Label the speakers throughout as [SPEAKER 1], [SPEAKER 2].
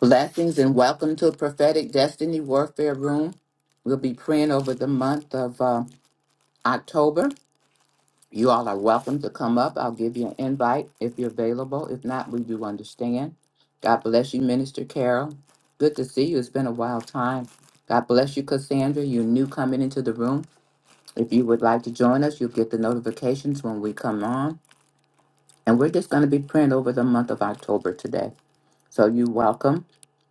[SPEAKER 1] Blessings and welcome to Prophetic Destiny Warfare Room. We'll be praying over the month of uh, October. You all are welcome to come up. I'll give you an invite if you're available. If not, we do understand. God bless you, Minister Carol. Good to see you. It's been a wild time. God bless you, Cassandra. You're new coming into the room. If you would like to join us, you'll get the notifications when we come on. And we're just going to be praying over the month of October today. So you're welcome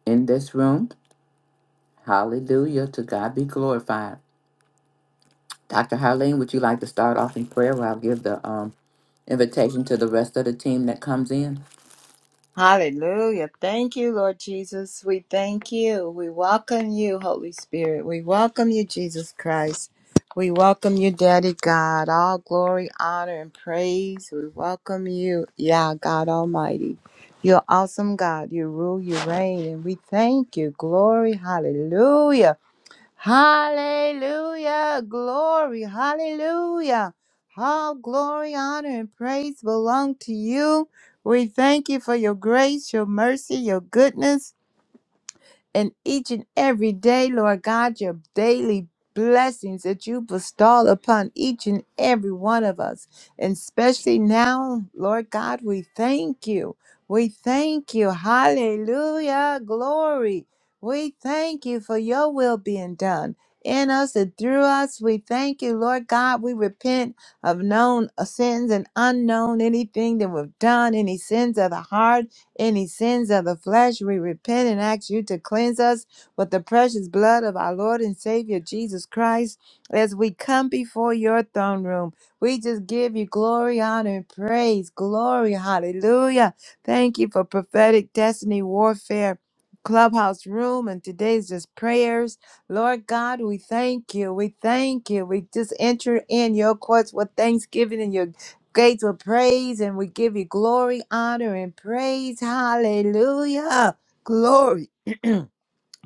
[SPEAKER 1] in this room. Hallelujah. To God be glorified. Dr. Harleen, would you like to start off in prayer while I will give the um, invitation to the rest of the team that comes in?
[SPEAKER 2] Hallelujah. Thank you, Lord Jesus. We thank you. We welcome you, Holy Spirit. We welcome you, Jesus Christ. We welcome you, Daddy God. All glory, honor, and praise. We welcome you, Yah God Almighty. You're awesome, God. You rule, you reign, and we thank you. Glory, hallelujah. Hallelujah, glory, hallelujah. All glory, honor, and praise belong to you. We thank you for your grace, your mercy, your goodness and each and every day, Lord God, your daily blessings that you bestow upon each and every one of us. And especially now, Lord God, we thank you. We thank you. Hallelujah. Glory. We thank you for your will being done in us and through us. We thank you, Lord God. We repent of known sins and unknown, anything that we've done, any sins of the heart any sins of the flesh, we repent and ask you to cleanse us with the precious blood of our Lord and Savior Jesus Christ. As we come before your throne room, we just give you glory, honor, and praise. Glory, hallelujah. Thank you for prophetic destiny warfare. Clubhouse room and today's just prayers. Lord God, we thank you. We thank you. We just enter in your courts with thanksgiving and your Great with praise and we give you glory, honor, and praise. Hallelujah. Glory.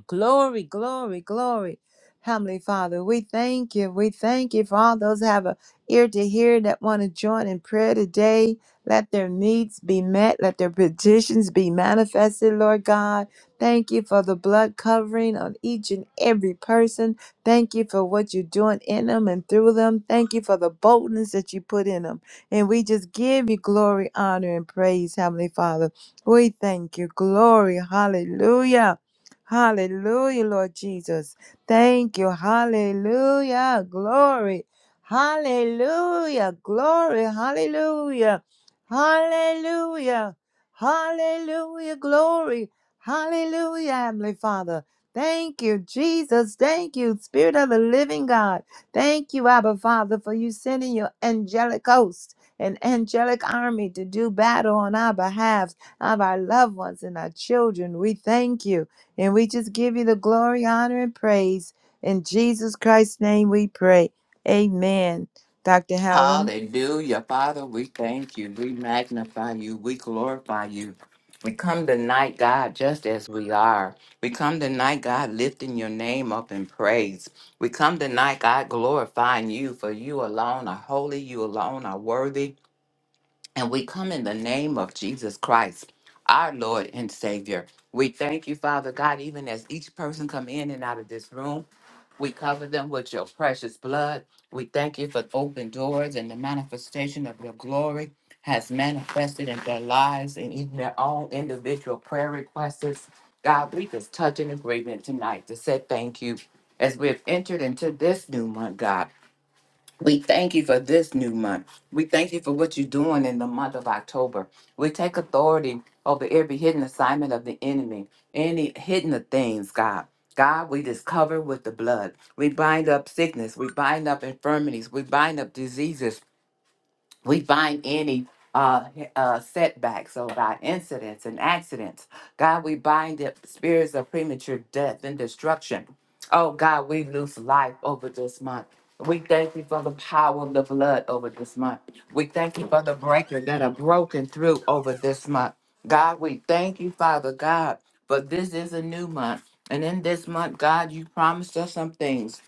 [SPEAKER 2] Glory, glory, glory. Heavenly Father, we thank you. We thank you for all those who have a ear to hear that want to join in prayer today. Let their needs be met. Let their petitions be manifested, Lord God. Thank you for the blood covering on each and every person. Thank you for what you're doing in them and through them. Thank you for the boldness that you put in them. And we just give you glory, honor, and praise, Heavenly Father. We thank you. Glory. Hallelujah. Hallelujah, Lord Jesus. Thank you. Hallelujah. Glory. Hallelujah. Glory. Hallelujah. Hallelujah. Hallelujah. Glory. Hallelujah, Heavenly Father. Thank you, Jesus. Thank you, Spirit of the Living God. Thank you, Abba Father, for you sending your angelic host and angelic army to do battle on our behalf of our loved ones and our children. We thank you. And we just give you the glory, honor, and praise. In Jesus Christ's name we pray. Amen. Dr. Helen.
[SPEAKER 1] Hallelujah. Father, we thank you. We magnify you. We glorify you. We come tonight, God, just as we are. We come tonight, God, lifting your name up in praise. We come tonight, God, glorifying you, for you alone are holy, you alone are worthy. And we come in the name of Jesus Christ, our Lord and Savior. We thank you, Father God, even as each person come in and out of this room, we cover them with your precious blood. We thank you for open doors and the manifestation of your glory has manifested in their lives and even their own individual prayer requests. God, we just touch an agreement tonight to say thank you as we have entered into this new month, God. We thank you for this new month. We thank you for what you're doing in the month of October. We take authority over every hidden assignment of the enemy, any hidden things, God. God, we just cover with the blood. We bind up sickness. We bind up infirmities. We bind up diseases we bind any uh, uh, setbacks, oh God, incidents and accidents. God, we bind the spirits of premature death and destruction. Oh God, we lose life over this month. We thank you for the power of the blood over this month. We thank you for the breakers that are broken through over this month. God, we thank you, Father God, for this is a new month. And in this month, God, you promised us some things.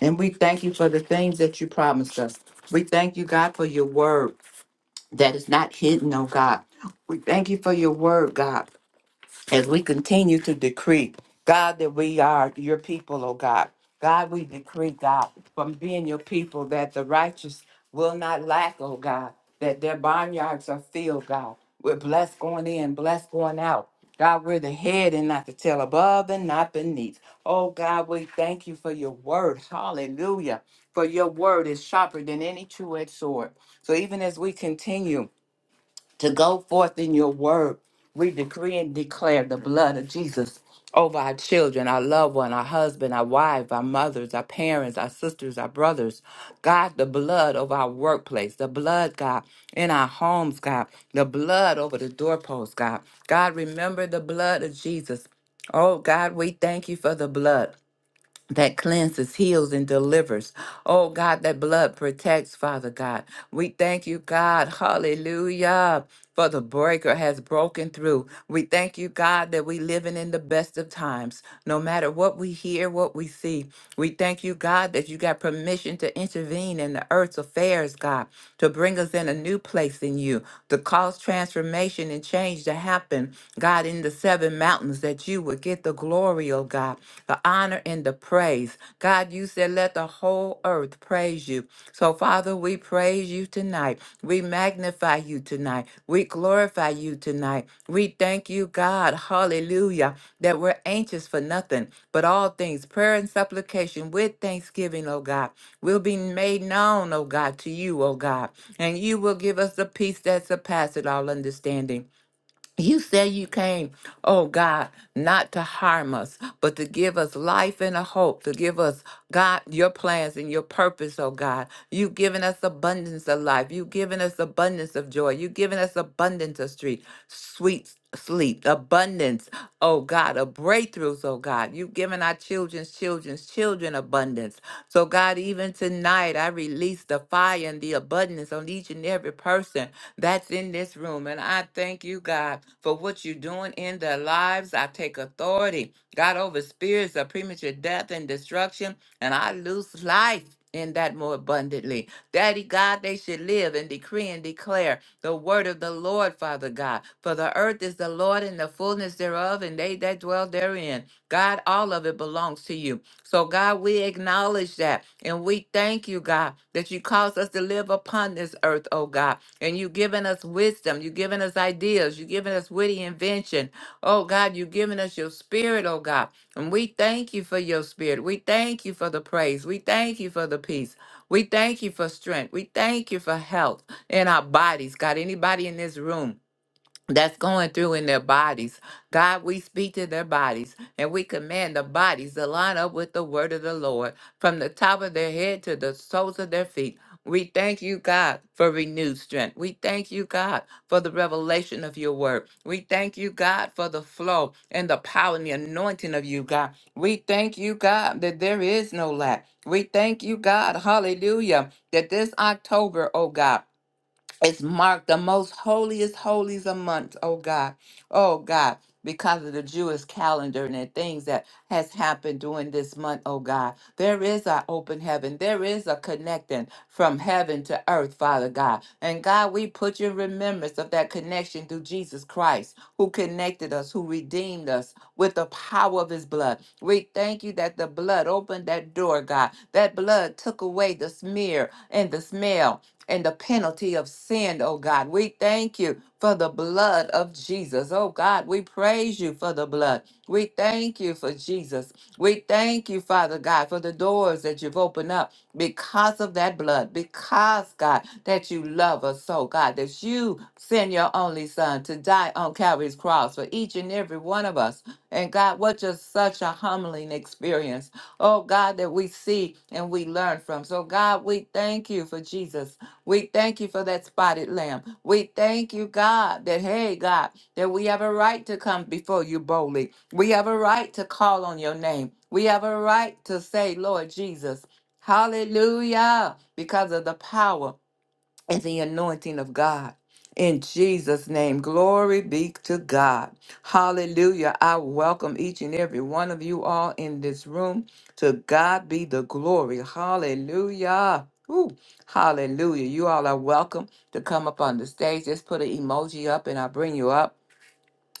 [SPEAKER 1] And we thank you for the things that you promised us. We thank you, God, for your word that is not hidden, oh God. We thank you for your word, God, as we continue to decree, God, that we are your people, oh God. God, we decree, God, from being your people, that the righteous will not lack, oh God, that their barnyards are filled, God. We're blessed going in, blessed going out. God, we're the head and not the tail, above and not beneath. Oh God, we thank you for your word. Hallelujah. For your word is sharper than any two edged sword. So even as we continue, to go forth in your word. We decree and declare the blood of Jesus over our children, our loved one, our husband, our wife, our mothers, our parents, our sisters, our brothers. God, the blood over our workplace, the blood, God, in our homes, God, the blood over the doorposts, God. God, remember the blood of Jesus. Oh, God, we thank you for the blood that cleanses, heals, and delivers. Oh God, that blood protects, Father God. We thank you, God. Hallelujah. For the breaker has broken through. We thank you, God, that we living in the best of times. No matter what we hear, what we see. We thank you, God, that you got permission to intervene in the earth's affairs, God, to bring us in a new place in you, to cause transformation and change to happen, God, in the seven mountains that you that you would get the glory, oh God, the honor and the praise. God, you said, let the whole earth praise you. So, Father, we praise you tonight. We magnify you tonight. We glorify you tonight. We thank you, God, hallelujah, that we're anxious for nothing, but all things, prayer and supplication with thanksgiving, oh God, will be made known, oh God, to you, oh God. And you will give us the peace that surpasses all understanding. You say you came, oh God, not to harm us, but to give us life and a hope, to give us, God, your plans and your purpose, oh God. You've given us abundance of life. You've given us abundance of joy. You've given us abundance of street, sweet sleep, abundance, oh God, of breakthroughs, oh God. You've given our children's children's children abundance. So, God, even tonight, I release the fire and the abundance on each and every person that's in this room. And I thank you, God, for what you're doing in their lives. I take authority, God, over spirits of premature death and destruction, and I lose life. In that more abundantly. Daddy God, they should live and decree and declare the word of the Lord, Father God. For the earth is the Lord and the fullness thereof, and they that dwell therein. God, all of it belongs to you. So, God, we acknowledge that and we thank you, God, that you caused us to live upon this earth, oh God. And you've given us wisdom, you've given us ideas, you've given us witty invention. Oh God, you've given us your spirit, oh God. And we thank you for your spirit. We thank you for the praise. We thank you for the peace. We thank you for strength. We thank you for health in our bodies. God, anybody in this room that's going through in their bodies. God, we speak to their bodies and we command the bodies to line up with the word of the Lord from the top of their head to the soles of their feet. We thank you, God, for renewed strength. We thank you, God, for the revelation of your word. We thank you, God, for the flow and the power and the anointing of you, God. We thank you, God, that there is no lack. We thank you, God, hallelujah, that this October, oh God, it's marked the most holiest holies a month, oh God, oh God, because of the Jewish calendar and the things that has happened during this month, oh God. There is an open heaven. There is a connecting from heaven to earth, Father God. And God, we put your remembrance of that connection through Jesus Christ, who connected us, who redeemed us with the power of his blood. We thank you that the blood opened that door, God. That blood took away the smear and the smell and the penalty of sin, oh God. We thank you for the blood of Jesus. Oh God, we praise you for the blood. We thank you for Jesus. We thank you, Father God, for the doors that you've opened up because of that blood, because, God, that you love us so, God, that you send your only son to die on Calvary's cross for each and every one of us. And God, what just such a humbling experience, oh God, that we see and we learn from. So, God, we thank you for Jesus. We thank you for that spotted lamb. We thank you, God, that, hey, God, that we have a right to come before you boldly. We have a right to call on your name. We have a right to say, Lord Jesus, hallelujah, because of the power and the anointing of God. In Jesus' name, glory be to God. Hallelujah. I welcome each and every one of you all in this room. To God be the glory. Hallelujah. Woo. Hallelujah. You all are welcome to come up on the stage. Just put an emoji up and I'll bring you up.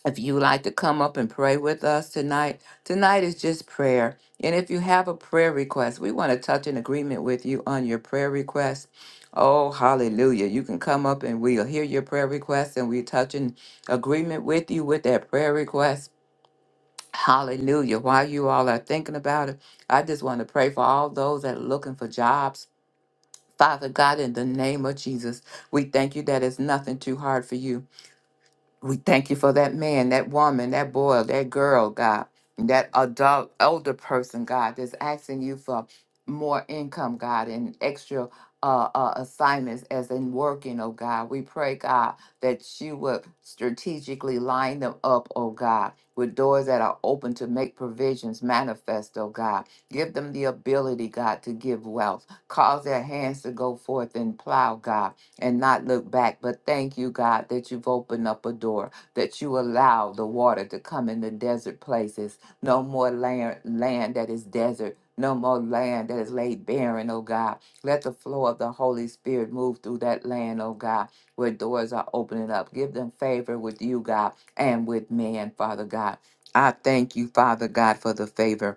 [SPEAKER 1] If you would like to come up and pray with us tonight, tonight is just prayer. And if you have a prayer request, we want to touch an agreement with you on your prayer request. Oh, hallelujah. You can come up and we'll hear your prayer request and we touch an agreement with you with that prayer request. Hallelujah. While you all are thinking about it, I just want to pray for all those that are looking for jobs. Father God, in the name of Jesus, we thank you that it's nothing too hard for you. We thank you for that man, that woman, that boy, that girl, God, that adult, older person, God, that's asking you for more income, God, and extra uh, uh, assignments as in working, oh God. We pray, God, that you would strategically line them up, oh God, with doors that are open to make provisions manifest, oh God. Give them the ability, God, to give wealth. Cause their hands to go forth and plow, God and not look back. But thank you, God, that you've opened up a door, that you allow the water to come in the desert places. No more land, land that is desert. No more land that is laid barren, oh God. Let the flow of the Holy Spirit move through that land, oh God, where doors are opening up. Give them favor with you, God, and with man, Father God. I thank you, Father God, for the favor.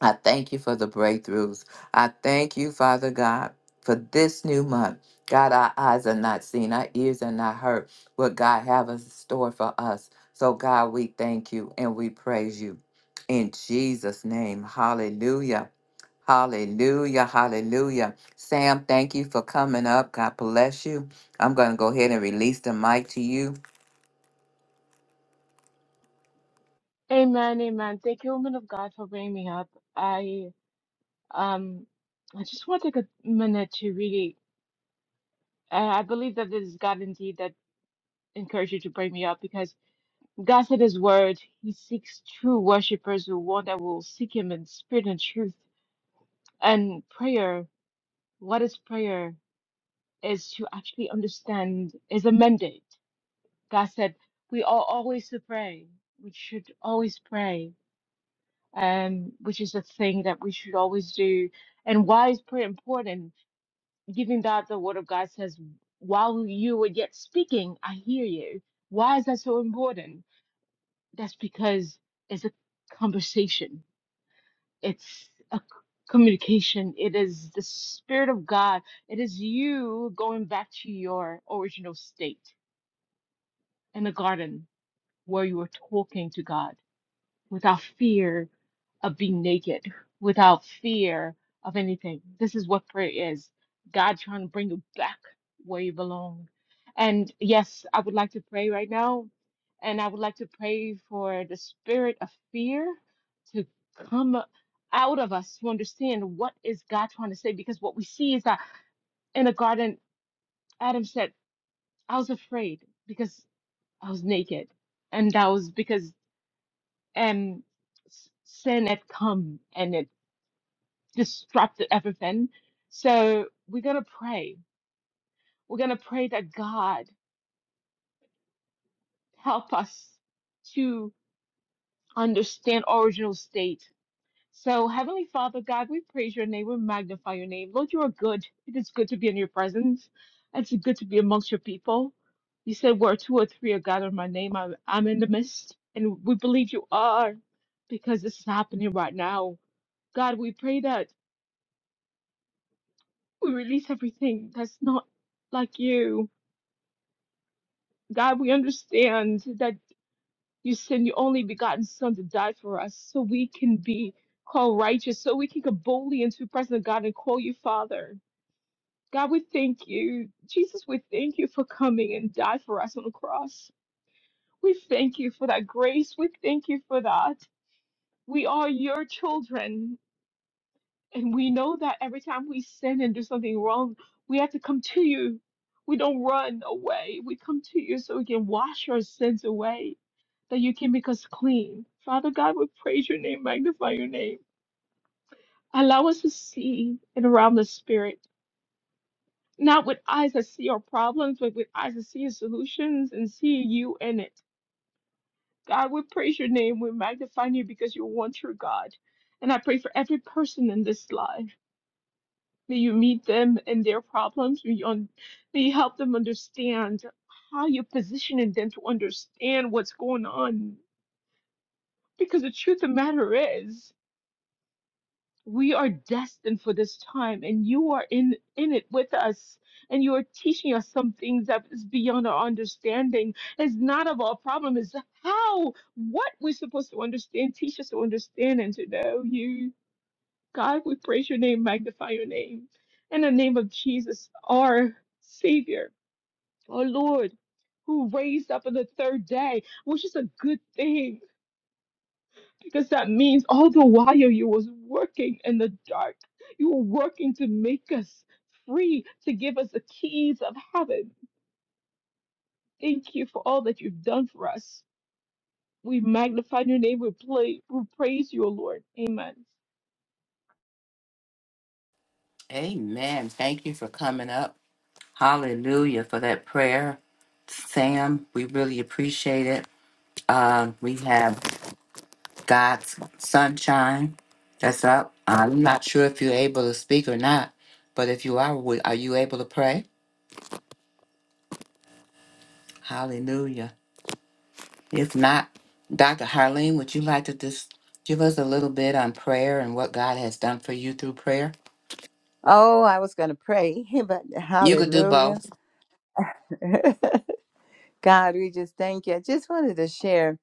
[SPEAKER 1] I thank you for the breakthroughs. I thank you, Father God, for this new month. God, our eyes are not seen, our ears are not heard. What God have in store for us. So, God, we thank you and we praise you. In Jesus' name, hallelujah. Hallelujah, hallelujah. Sam, thank you for coming up. God bless you. I'm going to go ahead and release the mic to you.
[SPEAKER 3] Amen, amen. Thank you, woman of God, for bringing me up. I um, I just want to take a minute to really. I, I believe that this is God indeed that encouraged you to bring me up because God said His word. He seeks true worshipers, the one that will seek Him in spirit and truth. And prayer, what is prayer? Is to actually understand is a mandate. God said we are always to pray. We should always pray um, which is a thing that we should always do. And why is prayer important? Given that the Word of God says, while you were yet speaking, I hear you. Why is that so important? That's because it's a conversation, it's a c- communication, it is the Spirit of God, it is you going back to your original state in the garden where you were talking to God. without fear of being naked, without fear of anything. This is what prayer is God trying to bring you back where you belong. And yes, I would like to pray right now. And I would like to pray for the spirit of fear to come out of us to understand what is God trying to say. Because what we see is that in the garden, Adam said, I was afraid because I was naked. And that was because and s- sin had come and it disrupted everything. So we're going to pray. We're going to pray that God help us to understand original state. So, Heavenly Father, God, we praise your name. We magnify your name. Lord, you are good. It is good to be in your presence. It's good to be amongst your people. You said, where two or three are gathered in my name, I'm, I'm in the midst. And we believe you are because this is happening right now. God, we pray that We release everything that's not like you. God, we understand that you send your only begotten Son to die for us so we can be called righteous, so we can go boldly into the presence of God and call you Father. God, we thank you. Jesus, we thank you for coming and die for us on the cross. We thank you for that grace. We thank you for that. We are your children. And we know that every time we sin and do something wrong, we have to come to you. We don't run away. We come to you so we can wash our sins away, that you can make us clean. Father God, we praise your name, magnify your name. Allow us to see in the realm of the spirit, not with eyes that see our problems, but with eyes that see your solutions and see you in it. God, we praise your name. We magnify you because you're one true God. And I pray for every person in this life. May you meet them and their problems. May you, un- may you help them understand how you're positioning them to understand what's going on. Because the truth of the matter is, we are destined for this time, and you are in, in it with us. And you are teaching us some things that is beyond our understanding. It's not of our problem, it's how, what we're supposed to understand. Teach us to understand and to know you. God, we praise your name, magnify your name. In the name of Jesus, our Savior, our Lord, who raised up on the third day, which is a good thing because that means all the while you was working in the dark, you were working to make us free, to give us the keys of heaven. Thank you for all that you've done for us. We magnify your name, we, play, we praise you, O Lord. Amen.
[SPEAKER 1] Amen. Thank you for coming up. Hallelujah for that prayer, Sam. We really appreciate it. Uh, we have God's sunshine that's up. I'm not sure if you're able to speak or not, but if you are, we- are you able to pray? Hallelujah. If not, Dr. Harleen, would you like to just give us a little bit on prayer and what God has done for you through prayer?
[SPEAKER 2] Oh, I was going to pray, but
[SPEAKER 1] You could do
[SPEAKER 2] hallelujah.
[SPEAKER 1] both.
[SPEAKER 2] God, we just thank you. I just wanted to share.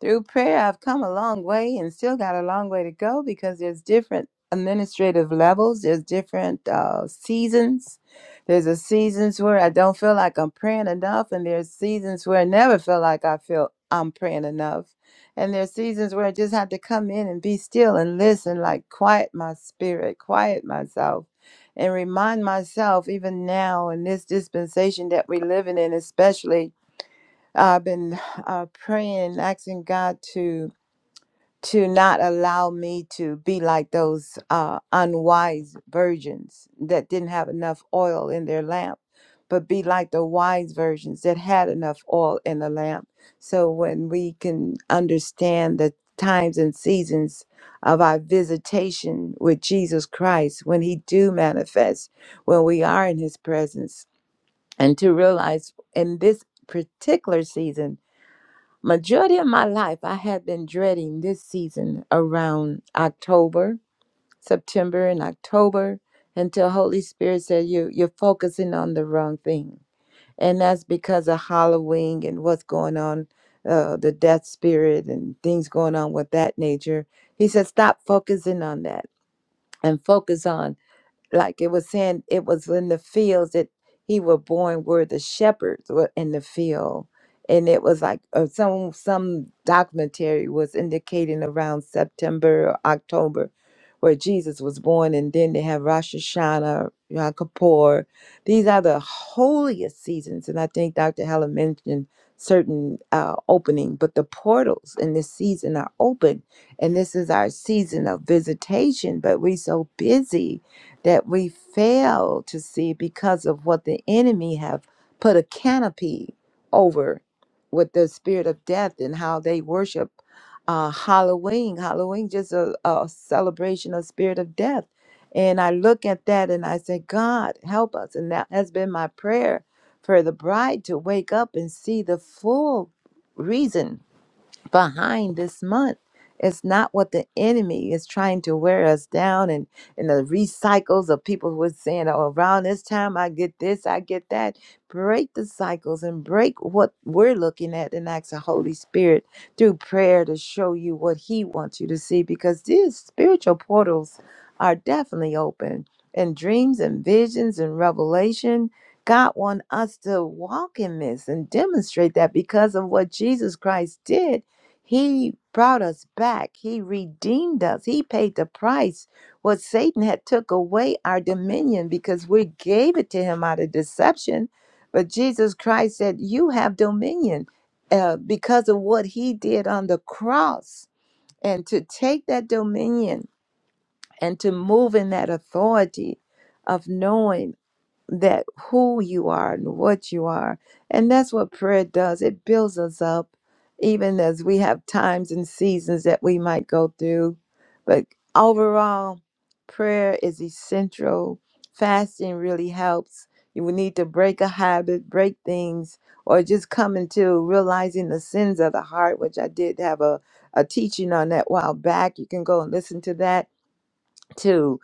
[SPEAKER 2] Through prayer, I've come a long way and still got a long way to go because there's different administrative levels, there's different uh, seasons. There's a seasons where I don't feel like I'm praying enough, and there's seasons where I never feel like I feel I'm praying enough. And there's seasons where I just have to come in and be still and listen, like quiet my spirit, quiet myself, and remind myself, even now in this dispensation that we're living in, especially I've been uh, praying, asking God to to not allow me to be like those uh, unwise virgins that didn't have enough oil in their lamp, but be like the wise virgins that had enough oil in the lamp. So when we can understand the times and seasons of our visitation with Jesus Christ, when He do manifest, when we are in His presence, and to realize in this particular season Majority of my life, I had been dreading this season around October, September, and October until Holy Spirit said you you're focusing on the wrong thing, and that's because of Halloween and what's going on, uh, the death spirit and things going on with that nature. He said, stop focusing on that and focus on like it was saying it was in the fields that he were born where the shepherds were in the field and it was like uh, some some documentary was indicating around september or october where jesus was born and then they have rosh hashanah yom kippur these are the holiest seasons and i think dr helen mentioned certain uh, opening but the portals in this season are open and this is our season of visitation but we so busy that we fail to see because of what the enemy have put a canopy over with the spirit of death and how they worship uh, Halloween. Halloween just a, a celebration of spirit of death. And I look at that and I say, God, help us. And that has been my prayer for the bride to wake up and see the full reason behind this month. It's not what the enemy is trying to wear us down and, and the recycles of people who are saying, oh, around this time I get this, I get that. Break the cycles and break what we're looking at and ask the Holy Spirit through prayer to show you what He wants you to see because these spiritual portals are definitely open and dreams and visions and revelation. God wants us to walk in this and demonstrate that because of what Jesus Christ did he brought us back. He redeemed us. He paid the price. What Satan had took away our dominion because we gave it to him out of deception. But Jesus Christ said, "You have dominion uh, because of what He did on the cross." And to take that dominion and to move in that authority of knowing that who you are and what you are. And that's what prayer does. It builds us up, even as we have times and seasons that we might go through. But overall, prayer is essential. Fasting really helps. You will need to break a habit, break things, or just come into realizing the sins of the heart, which I did have a, a teaching on that a while back. You can go and listen to that too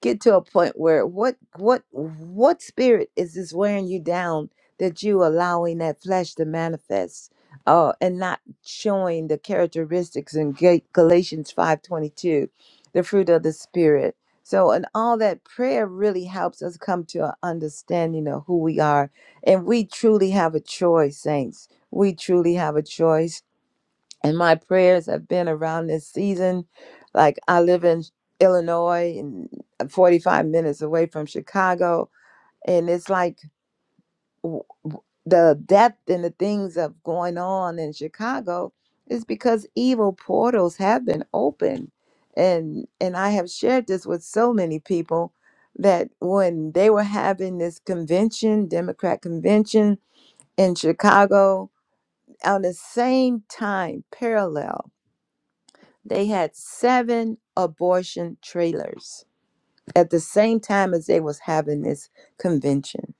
[SPEAKER 2] get to a point where what what what spirit is this wearing you down that you allowing that flesh to manifest uh and not showing the characteristics in Ga- galatians 5.22 the fruit of the spirit so and all that prayer really helps us come to an understanding of who we are and we truly have a choice saints we truly have a choice and my prayers have been around this season. Like I live in Illinois and uh, 45 minutes away from Chicago, and it's like w- w- the depth and the things of going on in Chicago is because evil portals have been opened, and and I have shared this with so many people that when they were having this convention, Democrat convention in Chicago, on the same time parallel they had seven abortion trailers at the same time as they was having this convention.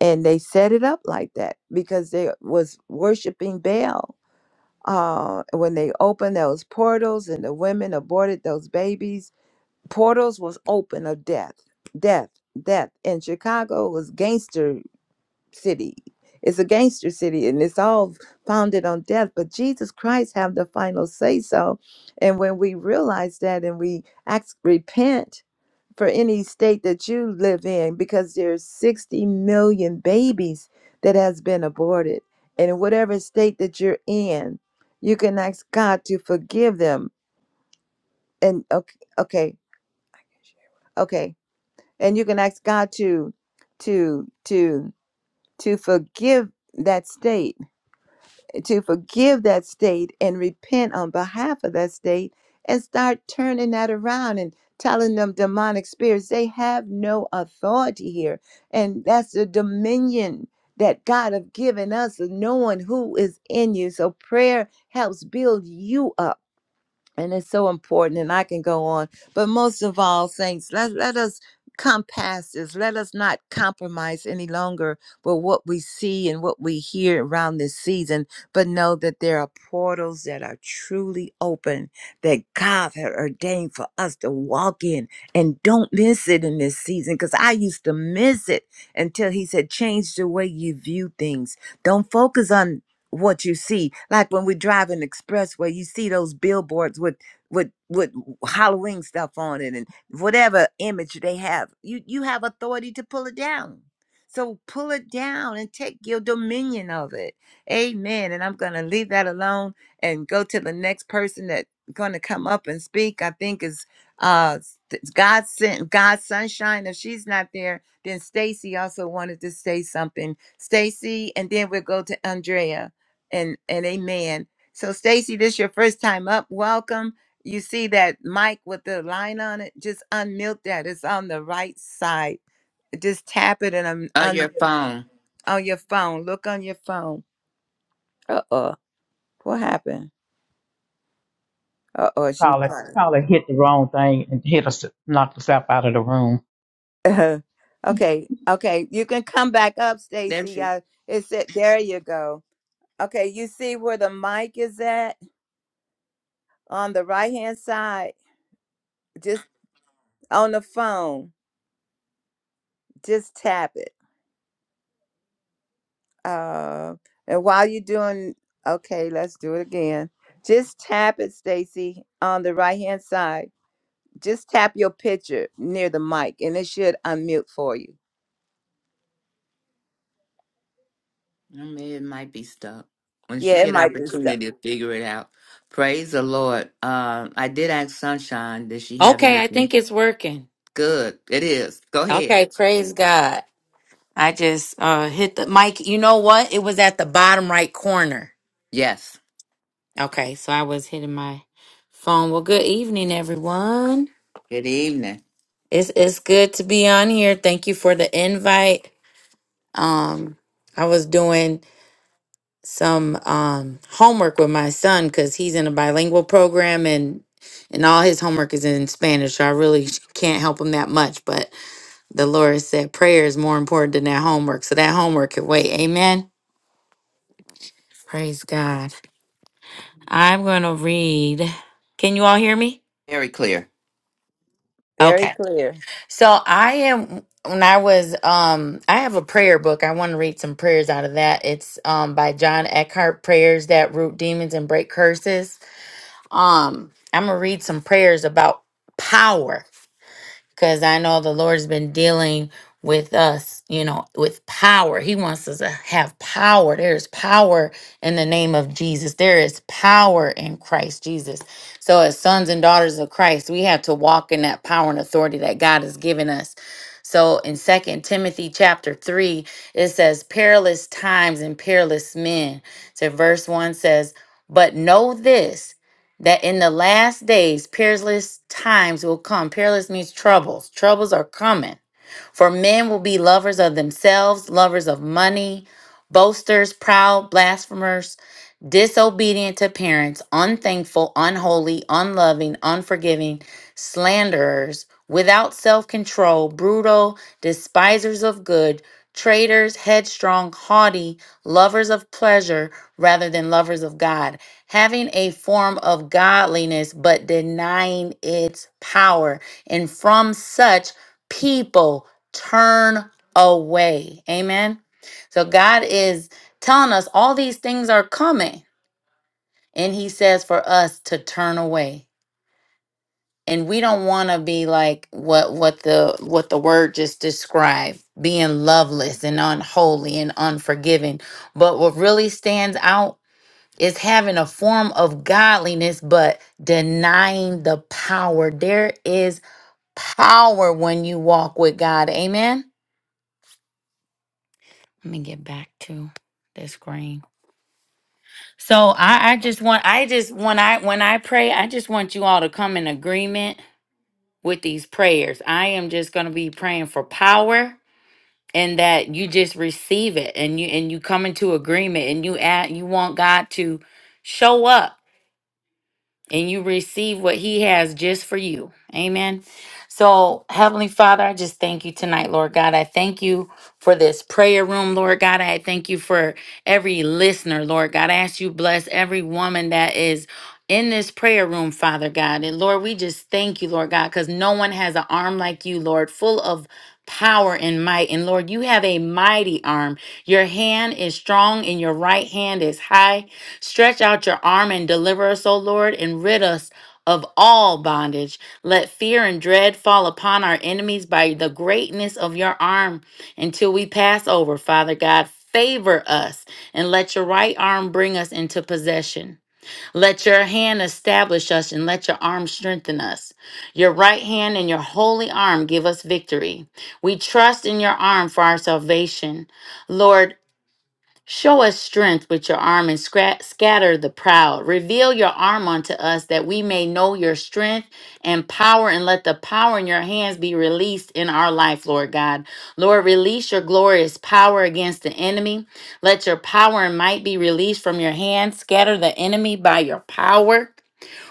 [SPEAKER 2] And they set it up like that because they was worshiping Baal. Uh, when they opened those portals and the women aborted those babies, portals was open of death, death, death. And Chicago was gangster city. It's a gangster city and it's all founded on death, but Jesus Christ have the final say so. And when we realize that and we ask repent for any state that you live in because there's 60 million babies that has been aborted. And in whatever state that you're in, you can ask God to forgive them. And okay, okay, okay. And you can ask God to to to to forgive that state to forgive that state and repent on behalf of that state and start turning that around and telling them demonic spirits they have no authority here and that's the dominion that God have given us of knowing who is in you so prayer helps build you up and it's so important and i can go on but most of all saints let, let us come past this let us not compromise any longer with what we see and what we hear around this season but know that there are portals that are truly open that god had ordained for us to walk in and don't miss it in this season because i used to miss it until he said change the way you view things don't focus on what you see. Like when we drive an expressway, you see those billboards with with with Halloween stuff on it and whatever image they have. You you have authority to pull it down. So pull it down and take your dominion of it. Amen. And I'm gonna leave that alone and go to the next person that's gonna come up and speak. I think is uh th- God sent God sunshine. If she's not there, then Stacy also wanted to say something. Stacy, and then we'll go to Andrea and and amen. So Stacy, this your first time up. Welcome. You see that mic with the line on it? Just unmute that. It's on the right side. Just tap it and un-
[SPEAKER 1] Uh,
[SPEAKER 2] un-
[SPEAKER 1] your phone.
[SPEAKER 2] on your phone. Look on your phone. Uh oh, what happened? Uh oh, she crying. Uh, okay, okay. You can come back up,
[SPEAKER 1] There
[SPEAKER 2] Stacy.
[SPEAKER 1] she
[SPEAKER 2] Uh, it's it. There you go. Okay, you see where the mic is at on the right hand side? Just on the phone. Just tap it. Uh, and while you're doing, okay, let's do it again. Just tap it, Stacy, on the right hand side. Just tap your picture near the mic, and it should unmute for you.
[SPEAKER 1] I mean, it might be stuck. When she
[SPEAKER 2] Yeah, it
[SPEAKER 1] get
[SPEAKER 2] might be stuck.
[SPEAKER 1] opportunity to figure it out. Praise the Lord. Um, I did ask Sunshine, does she have
[SPEAKER 4] Okay, I
[SPEAKER 1] anything?
[SPEAKER 4] think it's working.
[SPEAKER 1] Good. It is. Go ahead.
[SPEAKER 4] Okay, praise God. I just uh hit the mic. You know what? It was at the bottom right corner.
[SPEAKER 1] Yes.
[SPEAKER 4] Okay, so I was hitting my phone. Well, good evening, everyone.
[SPEAKER 1] Good evening.
[SPEAKER 4] It's it's good to be on here. Thank you for the invite. Um I was doing some um homework with my son cuz he's in a bilingual program and and all his homework is in Spanish. So I really can't help him that much, but The Lord said prayer is more important than that homework. So that homework can wait. Amen. Praise God. I'm going to read. Can you all hear me?
[SPEAKER 1] Very clear.
[SPEAKER 2] Very
[SPEAKER 4] Okay.
[SPEAKER 2] clear.
[SPEAKER 4] So I am when I was um I have a prayer book. I want to read some prayers out of that. It's um by John Eckhart, Prayers That Root Demons and Break Curses. Um I'm going to read some prayers about power because I know the Lord's been dealing with us, you know, with power. He wants us to have power. There's power in the name of Jesus, there is power in Christ Jesus. So, as sons and daughters of Christ, we have to walk in that power and authority that God has given us. So in Second Timothy chapter 3, it says, Perilous times and perilous men. So verse 1 says, But know this that in the last days peerless times will come. Peerless means troubles. Troubles are coming for men will be lovers of themselves, lovers of money, boasters, proud, blasphemers, disobedient to parents, unthankful, unholy, unloving, unforgiving, slanderers, without self control, brutal, despisers of good, traitors, headstrong, haughty, lovers of pleasure rather than lovers of God, having a form of godliness but denying its power. And from such people, turn away. Amen. So God is telling us all these things are coming. And he says for us to turn away. And we don't want to be like what what the what the word just described, being loveless and unholy and unforgiving. But what really stands out is having a form of godliness but denying the power. There is power when you walk with God. Amen. Let me get back to the screen. So I, I just want I just when I when I pray, I just want you all to come in agreement with these prayers. I am just gonna be praying for power and that you just receive it and you and you come into agreement and you add you want God to show up and you receive what he has just for you. Amen. So, Heavenly Father, I just thank you tonight, Lord God. I thank you for this prayer room, Lord God. I thank you for every listener, Lord God. I ask you bless every woman that is in this prayer room, Father God. And Lord, we just thank you, Lord God, because no one has an arm like you, Lord, full of power and might. And Lord, you have a mighty arm. Your hand is strong and your right hand is high. Stretch out your arm and deliver us, O Lord, and rid us of all bondage. Let fear and dread fall upon our enemies by the greatness of your arm until we pass over, Father God. Favor us and let your right arm bring us into possession. Let your hand establish us and let your arm strengthen us. Your right hand and your holy arm give us victory. We trust in your arm for our salvation. Lord, Show us strength with your arm and scra- scatter the proud. Reveal your arm unto us that we may know your strength and power, and let the power in your hands be released in our life, Lord God. Lord, release your glorious power against the enemy. Let your power and might be released from your hands. Scatter the enemy by your power.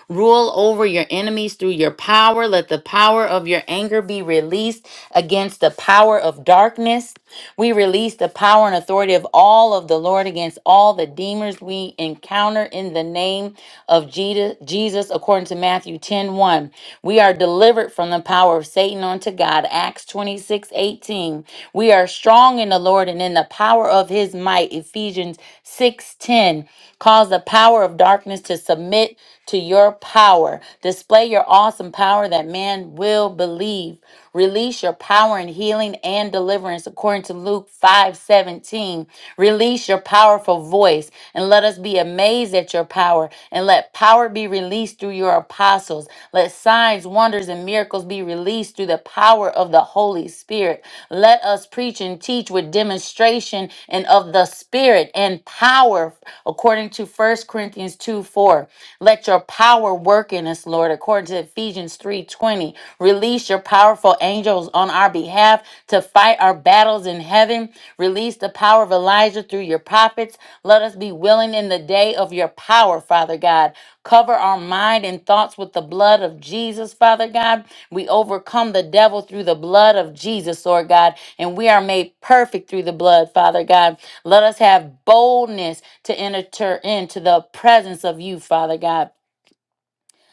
[SPEAKER 4] Rule over your enemies through your power. Let the power of your anger be released against the power of darkness. We release the power and authority of all of the Lord against all the demons we encounter in the name of Jesus, Jesus, according to Matthew ten one, We are delivered from the power of Satan unto God. Acts 26 18. We are strong in the Lord and in the power of his might. Ephesians six ten. Cause the power of darkness to submit to your power. Display your awesome power that man will believe. Release your power in healing and deliverance according to Luke 5:17. Release your powerful voice and let us be amazed at your power and let power be released through your apostles. Let signs, wonders and miracles be released through the power of the Holy Spirit. Let us preach and teach with demonstration and of the Spirit and power according to First Corinthians 2 4. Let your power work in us, Lord, according to Ephesians 3:20. Release your powerful angels on our behalf to fight our battles in heaven. Release the power of Elijah through your prophets. Let us be willing in the day of your power, Father God. Cover our mind and thoughts with the blood of Jesus, Father God. We overcome the devil through the blood of Jesus, Lord God, and we are made perfect through the blood, Father God. Let us have boldness to enter into the presence of you, Father God.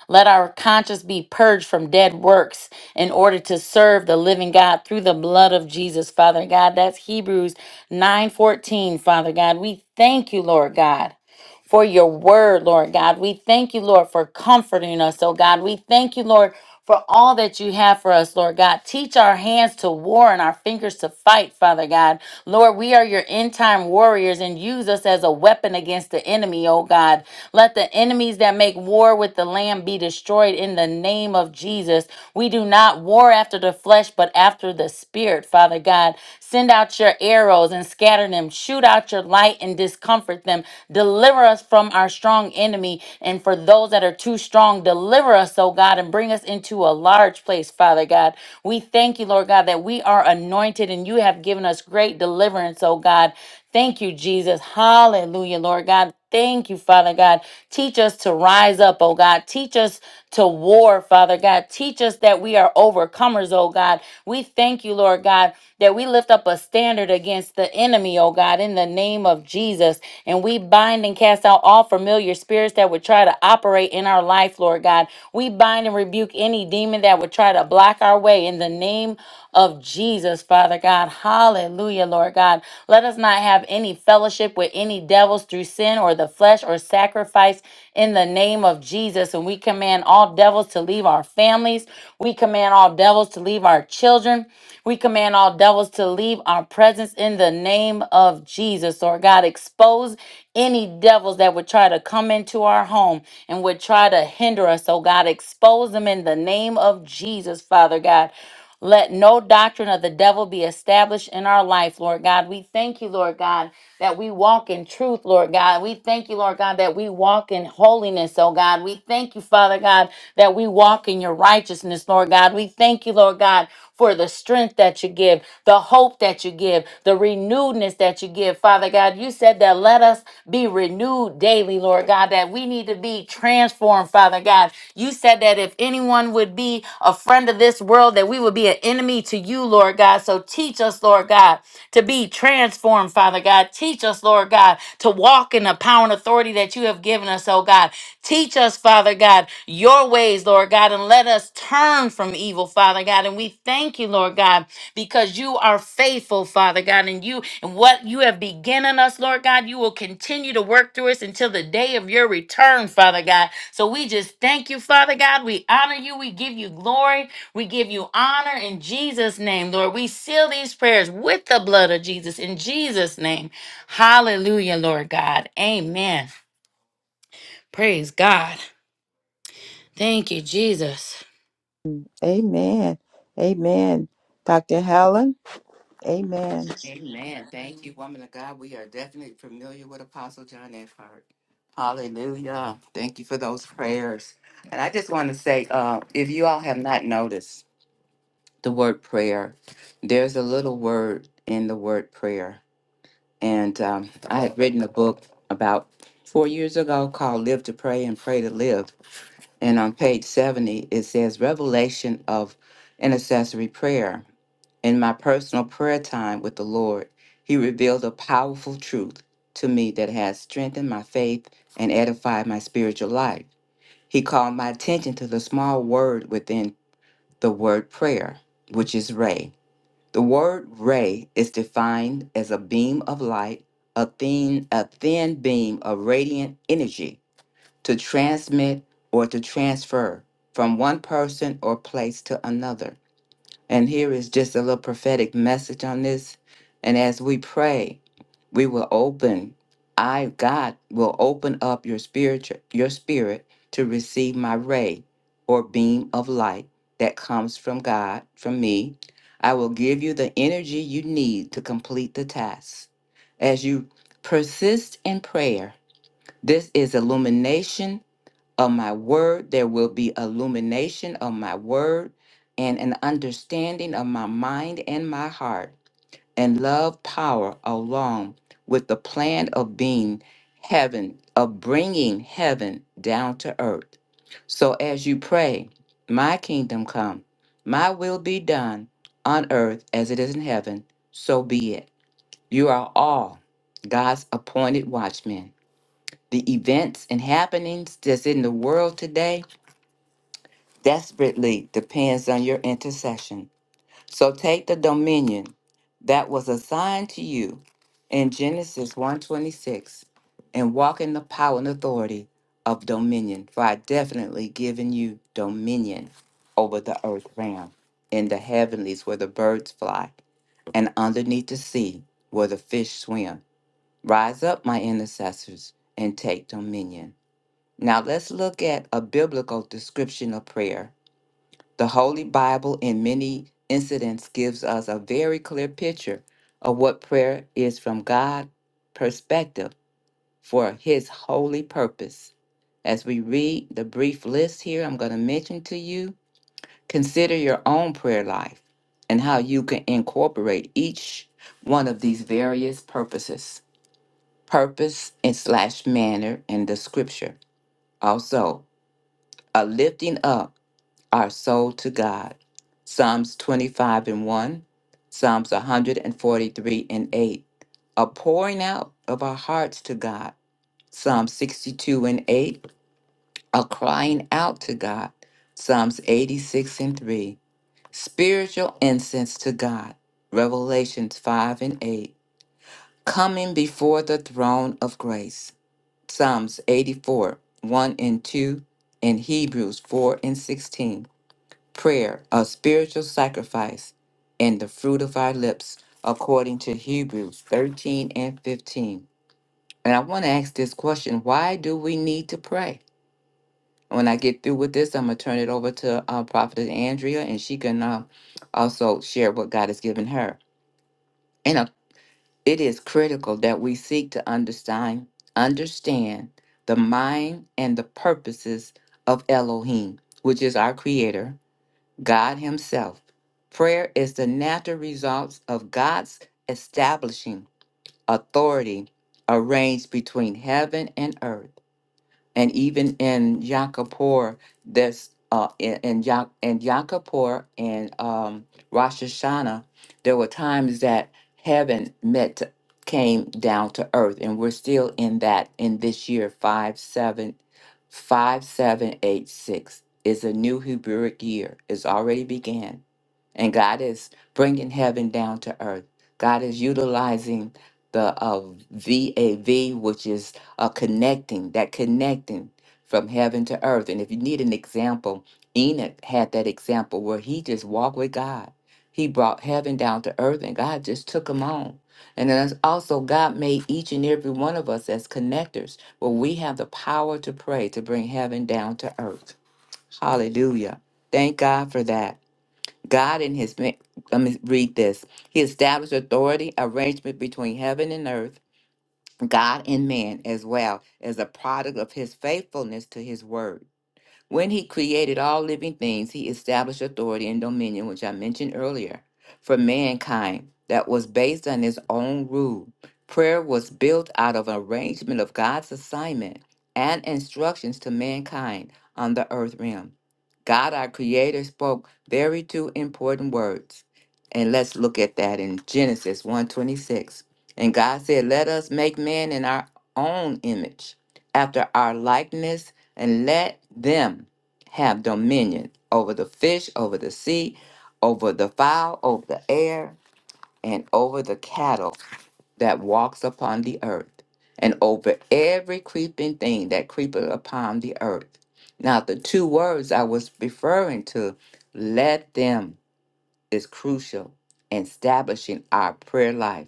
[SPEAKER 4] Let our conscience be purged from dead works in order to serve the living God through the blood of Jesus, Father God. That's Hebrews 9:14, Father God. We thank you, Lord God for your word, Lord God. We thank you, Lord, for comforting us, oh God. We thank you, Lord, for all that you have for us, Lord God. Teach our hands to war and our fingers to fight, Father God. Lord, we are your end time warriors and use us as a weapon against the enemy, oh God. Let the enemies that make war with the Lamb be destroyed in the name of Jesus. We do not war after the flesh, but after after the Spirit, Father God. Send out your arrows and scatter them. Shoot out your light and discomfort them. Deliver us from our strong enemy. And for those that are too strong, deliver us, oh God, and bring us into a large place, Father God. We thank you, Lord God, that we are anointed and you have given us great deliverance, oh God. Thank you, Jesus. Hallelujah, Lord God. Thank you, Father God. Teach us to rise up, oh God. Teach us to war, Father God. Teach us that we are overcomers, oh God. We thank you, Lord God, that we lift up a standard against the enemy, oh God, in the name of Jesus. And we bind and cast out all familiar spirits that would try to operate in our life, Lord God. We bind and rebuke any demon that would try to block our way in the name of of Jesus, Father God. Hallelujah, Lord God. Let us not have any fellowship with any devils through sin or the flesh or sacrifice in the name of Jesus. And we command all devils to leave our families. We command all devils to leave our children. We command all devils to leave our presence in the name of Jesus. Lord God, expose any devils that would try to come into our home and would try to hinder us. Oh God, expose them in the name of Jesus, Father God. Let no doctrine of the devil be established in our life, Lord God. We thank you, Lord God, that we walk in truth, Lord God. We thank you, Lord God, that we walk in holiness, oh God. We thank you, Father God, that we walk in your righteousness, Lord God. We thank you, Lord God, for the strength that you give, the hope that you give, the renewedness that you give, Father God. You said that let us be renewed daily, Lord God, that we need to be transformed, Father God. You said that if anyone would be a friend of this world, that we would be an enemy to you, Lord God. So teach us, Lord God, to be transformed, Father God. Teach us, Lord God, to walk in the power and authority that you have given us, oh God. Teach us, Father God, your ways, Lord God, and let us turn from evil, Father God. And we thank you, Lord God because you are faithful, Father God, and you and what you have begun in us, Lord God, you will continue to work through us until the day of your return, Father God. So we just thank you, Father God. We honor you. We give you glory. We give you honor in Jesus' name, Lord. We seal these prayers with the blood of Jesus in Jesus' name. Hallelujah, Lord God. Amen. Praise God. Thank you, Jesus.
[SPEAKER 2] Amen. Amen. Dr. Helen. Amen.
[SPEAKER 1] Amen. Thank you, woman of God. We are definitely familiar with Apostle John F. Hart. Hallelujah. Thank you for those prayers. And I just want to say, uh, if you all have not noticed the word prayer, there's a little word in the word prayer. And um, I had written a book about four years ago called Live to Pray and Pray to Live. And on page 70, it says Revelation of Intercessory Prayer. In my personal prayer time with the Lord, He revealed a powerful truth to me that has strengthened my faith and edified my spiritual life. He called my attention to the small word within the word prayer, which is Ray. The word ray is defined as a beam of light, a thin, a thin beam of radiant energy to transmit or to transfer from one person or place to another. And here is just a little prophetic message on this. And as we pray, we will open. I, God, will open up your spirit, your spirit to receive my ray or beam of light that comes from God, from me. I will give you the energy you need to complete the task. As you persist in prayer, this is illumination of my word. There will be illumination of my word and an understanding of my mind and my heart, and love power along with the plan of being heaven, of bringing heaven down to earth. So as you pray, my kingdom come, my will be done on earth as it is in heaven, so be it. You are all God's appointed watchmen. The events and happenings that's in the world today desperately depends on your intercession. So take the dominion that was assigned to you in Genesis one twenty six, and walk in the power and authority of dominion. For I definitely given you dominion over the earth realm, in the heavenlies where the birds fly, and underneath the sea where the fish swim. Rise up, my intercessors, and take dominion. Now let's look at a biblical description of prayer the Holy Bible, in many incidents, gives us a very clear picture of what prayer is from God's perspective for His holy purpose. As we read the brief list here, I'm going to mention to you, consider your own prayer life and how you can incorporate each one of these various purposes, purpose and slash manner in the scripture. Also, a lifting up. our soul to God. Psalms 25 and 1, Psalms 143 and 8, a pouring out of our hearts to God. Psalms 62 and 8, a crying out to God. Psalms 86 and 3, spiritual incense to God. Revelations 5 and 8, coming before the throne of grace. Psalms 84, 1 and 2, and Hebrews 4 and 16 prayer, a spiritual sacrifice, and the fruit of our lips, according to Hebrews 13 and 15. And I want to ask this question why do we need to pray? When I get through with this, I'm going to turn it over to uh, Prophetess Andrea, and she can uh, also share what God has given her. And uh, it is critical that we seek to understand, understand the mind and the purposes of Elohim, which is our creator, God Himself. Prayer is the natural result of God's establishing authority arranged between heaven and earth and even in Yakapur, there's uh, in in, Ya- in Yakapur and um, Rosh Hashanah, there were times that heaven met to- came down to earth, and we're still in that in this year five seven five seven eight six is a new Hebrewic year. It's already began, and God is bringing heaven down to earth. God is utilizing the uh, VAV, which is a connecting, that connecting from heaven to earth. And if you need an example, Enoch had that example where he just walked with God. He brought heaven down to earth and God just took him on. And then that's also, God made each and every one of us as connectors where we have the power to pray to bring heaven down to earth. Hallelujah. Thank God for that. God in his, ma- let me read this. He established authority, arrangement between heaven and earth God and man, as well as a product of his faithfulness to his word. When he created all living things, he established authority and dominion, which I mentioned earlier, for mankind that was based on his own rule. Prayer was built out of an arrangement of God's assignment and instructions to mankind on the earth realm. God, our creator, spoke very two important words. And let's look at that in Genesis one twenty-six. And God said, "Let us make man in our own image, after our likeness and let them have dominion over the fish, over the sea, over the fowl, over the air, and over the cattle that walks upon the earth, and over every creeping thing that creepeth upon the earth. Now, the two words I was referring to, let them, is crucial in establishing our prayer life.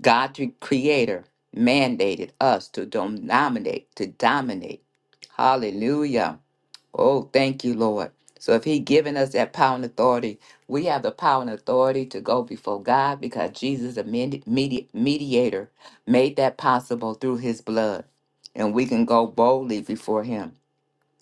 [SPEAKER 1] God, the Creator, mandated us to dominate, to dominate. Hallelujah Oh, thank you, Lord. So if he given us that power and authority, we have the power and authority to go before God because Jesus, the medi- medi- mediator, made that possible through his blood. And we can go boldly before him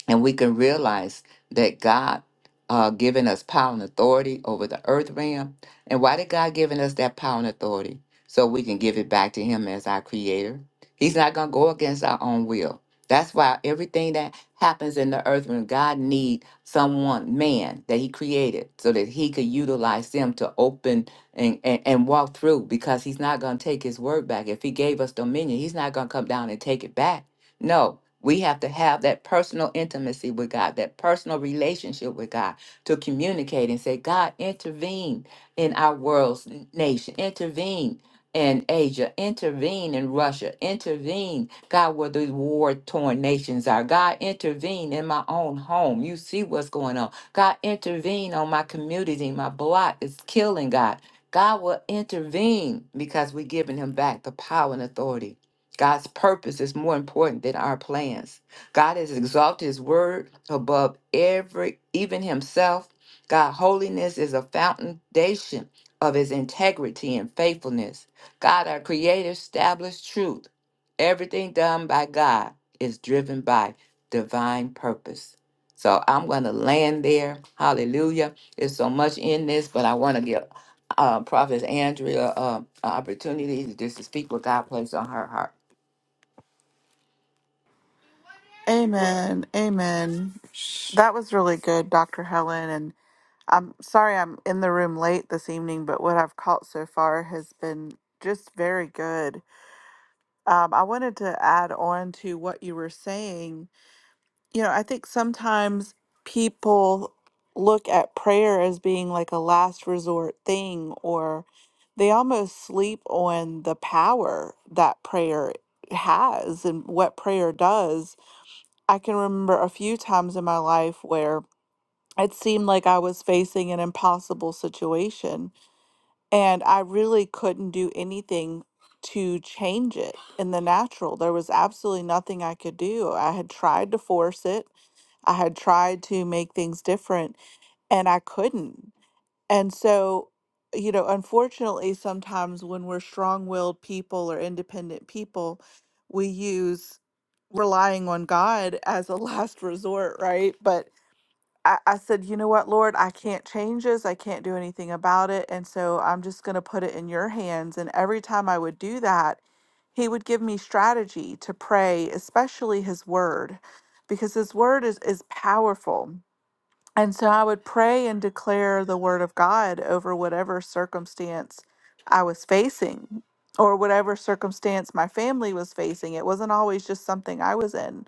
[SPEAKER 1] and we can realize that God uh, given us power and authority over the earth realm. And why did God given us that power and authority? So we can give it back to Him as our Creator. He's not gonna go against our own will. That's why everything that happens in the earth realm, God need someone, man, that He created, so that He could utilize them to open and, and, and walk through. Because He's not gonna take His word back. If He gave us dominion, He's not gonna come down and take it back. No, we have to have that personal intimacy with God, that personal relationship with God to communicate and say, God, intervene in our world's n- nation, intervene in Asia, intervene in Russia, intervene, God, where these war torn nations are. God, intervene in my own home. You see what's going on. God, intervene on my community. My block is killing God. God will intervene because we're giving him back the power and authority God's purpose is more important than our plans. God has exalted his word above every, even himself. God, holiness is a foundation of his integrity and faithfulness. God, our creator, established truth. Everything done by God is driven by divine purpose. So I'm going to land there. Hallelujah. There's so much in this, but I want to give uh, Prophet Andrea uh, an opportunity to just to speak what God placed on her heart.
[SPEAKER 5] Amen. Amen. That was really good, Dr. Helen. And I'm sorry I'm in the room late this evening, but what I've caught so far has been just very good. Um, I wanted to add on to what you were saying. You know, I think sometimes people look at prayer as being like a last resort thing, or they almost sleep on the power that prayer has and what prayer does I can remember a few times in my life where it seemed like I was facing an impossible situation and I really couldn't do anything to change it in the natural. There was absolutely nothing I could do. I had tried to force it, I had tried to make things different, and I couldn't. And so, you know, unfortunately, sometimes when we're strong willed people or independent people, we use relying on God as a last resort, right? But I, I said, you know what, Lord, I can't change this. I can't do anything about it. And so I'm just going to put it in your hands. And every time I would do that, he would give me strategy to pray, especially his word, because his word is, is powerful and so I would pray and declare the word of God over whatever circumstance I was facing or whatever circumstance my family was facing. It wasn't always just something I was in.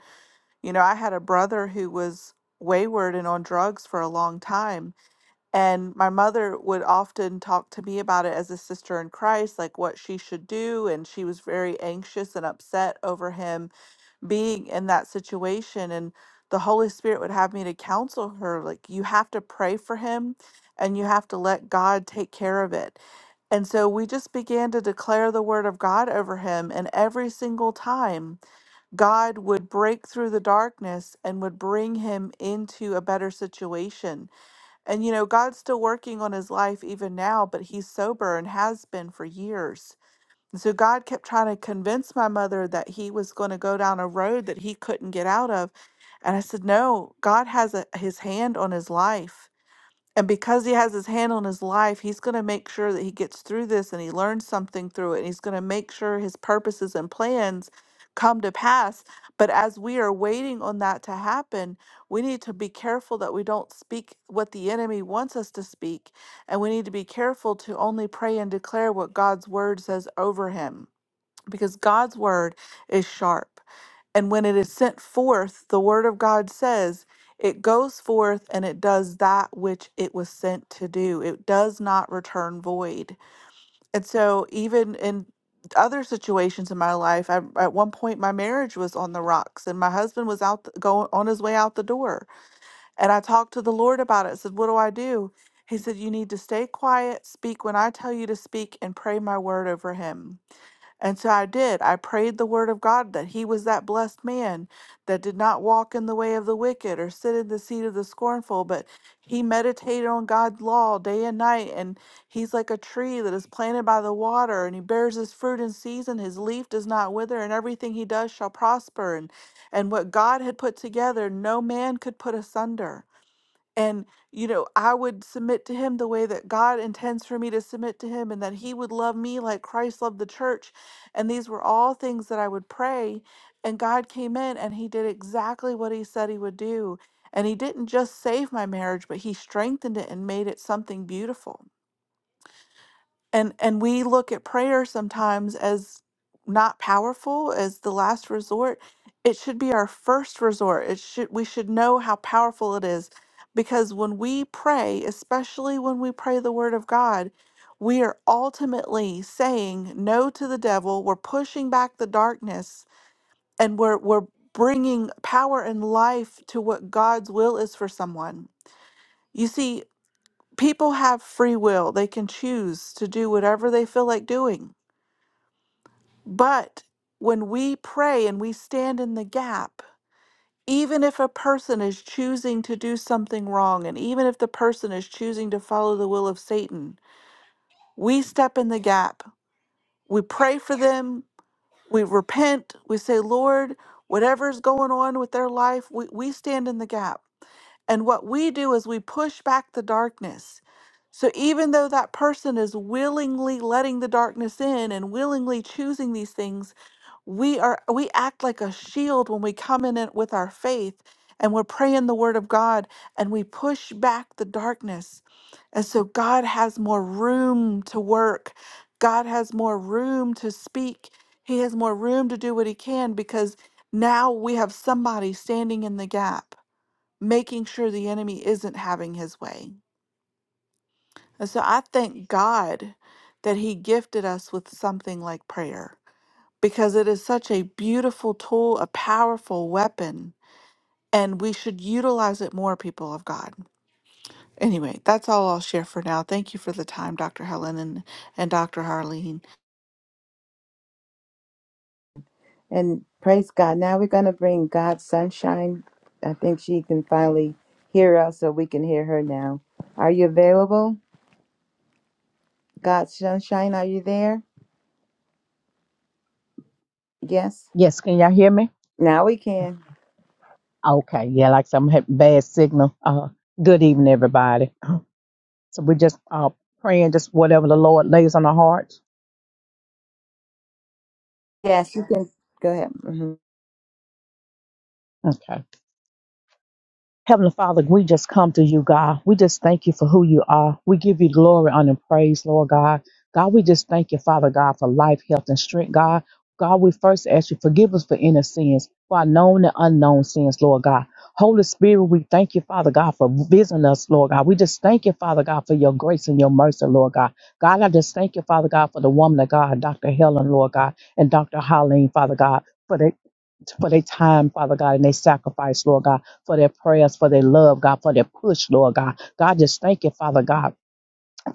[SPEAKER 5] You know, I had a brother who was wayward and on drugs for a long time. And my mother would often talk to me about it as a sister in Christ, like what she should do. And she was very anxious and upset over him being in that situation and the holy spirit would have me to counsel her like you have to pray for him and you have to let god take care of it and so we just began to declare the word of god over him and every single time god would break through the darkness and would bring him into a better situation and you know god's still working on his life even now but he's sober and has been for years so God kept trying to convince my mother that he was going to go down a road that he couldn't get out of. And I said, No, God has a, his hand on his life. And because he has his hand on his life, he's going to make sure that he gets through this and he learns something through it. And he's going to make sure his purposes and plans come to pass. But as we are waiting on that to happen, we need to be careful that we don't speak what the enemy wants us to speak. And we need to be careful to only pray and declare what God's word says over him because God's word is sharp. And when it is sent forth, the word of God says, it goes forth and it does that which it was sent to do. It does not return void. And so, even in other situations in my life, I, at one point, my marriage was on the rocks and my husband was out the, going on his way out the door. And I talked to the Lord about it. said, What do I do? He said, You need to stay quiet, speak when I tell you to speak, and pray my word over him. And so I did. I prayed the word of God that he was that blessed man that did not walk in the way of the wicked or sit in the seat of the scornful, but he meditated on God's law day and night. And he's like a tree that is planted by the water and he bears his fruit in season. His leaf does not wither and everything he does shall prosper. And, and what God had put together, no man could put asunder. And, you know, I would submit to him the way that God intends for me to submit to him and that he would love me like Christ loved the church. And these were all things that I would pray. And God came in and he did exactly what he said he would do. And he didn't just save my marriage, but he strengthened it and made it something beautiful and and we look at prayer sometimes as not powerful as the last resort it should be our first resort it should we should know how powerful it is because when we pray especially when we pray the word of god we are ultimately saying no to the devil we're pushing back the darkness and we're we're bringing power and life to what god's will is for someone you see people have free will. They can choose to do whatever they feel like doing. But when we pray and we stand in the gap, even if a person is choosing to do something wrong, and even if the person is choosing to follow the will of Satan, we step in the gap. We pray for them. We repent. We say, Lord, whatever's going on with their life, we, we stand in the gap And what we do is we push back the darkness. So even though that person is willingly letting the darkness in and willingly choosing these things, we are we act like a shield when we come in it with our faith and we're praying the word of God and we push back the darkness. And so God has more room to work. God has more room to speak. He has more room to do what he can because now we have somebody standing in the gap making sure the enemy isn't having his way. And so I thank God that He gifted us with something like prayer because it is such a beautiful tool, a powerful weapon, and we should utilize it more, people of God. Anyway, that's all I'll share for now. Thank you for the time, Dr. Helen and, and Dr. Harleen.
[SPEAKER 2] And praise God. Now we're going to bring God sunshine. I think she can finally hear us, so we can hear her now. Are you available? God sunshine, are you there? Yes.
[SPEAKER 6] Yes, can y'all hear me?
[SPEAKER 2] Now we can.
[SPEAKER 6] Okay, yeah, like some had bad signal. Uh, good evening, everybody. So we just uh praying just whatever the Lord lays on our hearts.
[SPEAKER 2] Yes, you can. Go ahead. hmm
[SPEAKER 6] Okay. Heavenly Father, we just come to you, God. We just thank you for who you are. We give you glory, honor, and praise, Lord God. God, we just thank you, Father God, for life, health, and strength, God. God, we first ask you, forgive us for any sins, for our known and unknown sins, Lord God. Holy Spirit, we thank you, Father God, for visiting us, Lord God. We just thank you, Father God, for your grace and your mercy, Lord God. God, I just thank you, Father God, for the woman of God, Dr. Helen, Lord God, and Dr. Holleen, Father God, for the for their time, Father God, and their sacrifice, Lord God for their prayers, for their love, God, for their push, Lord God. God, just thank you, Father God.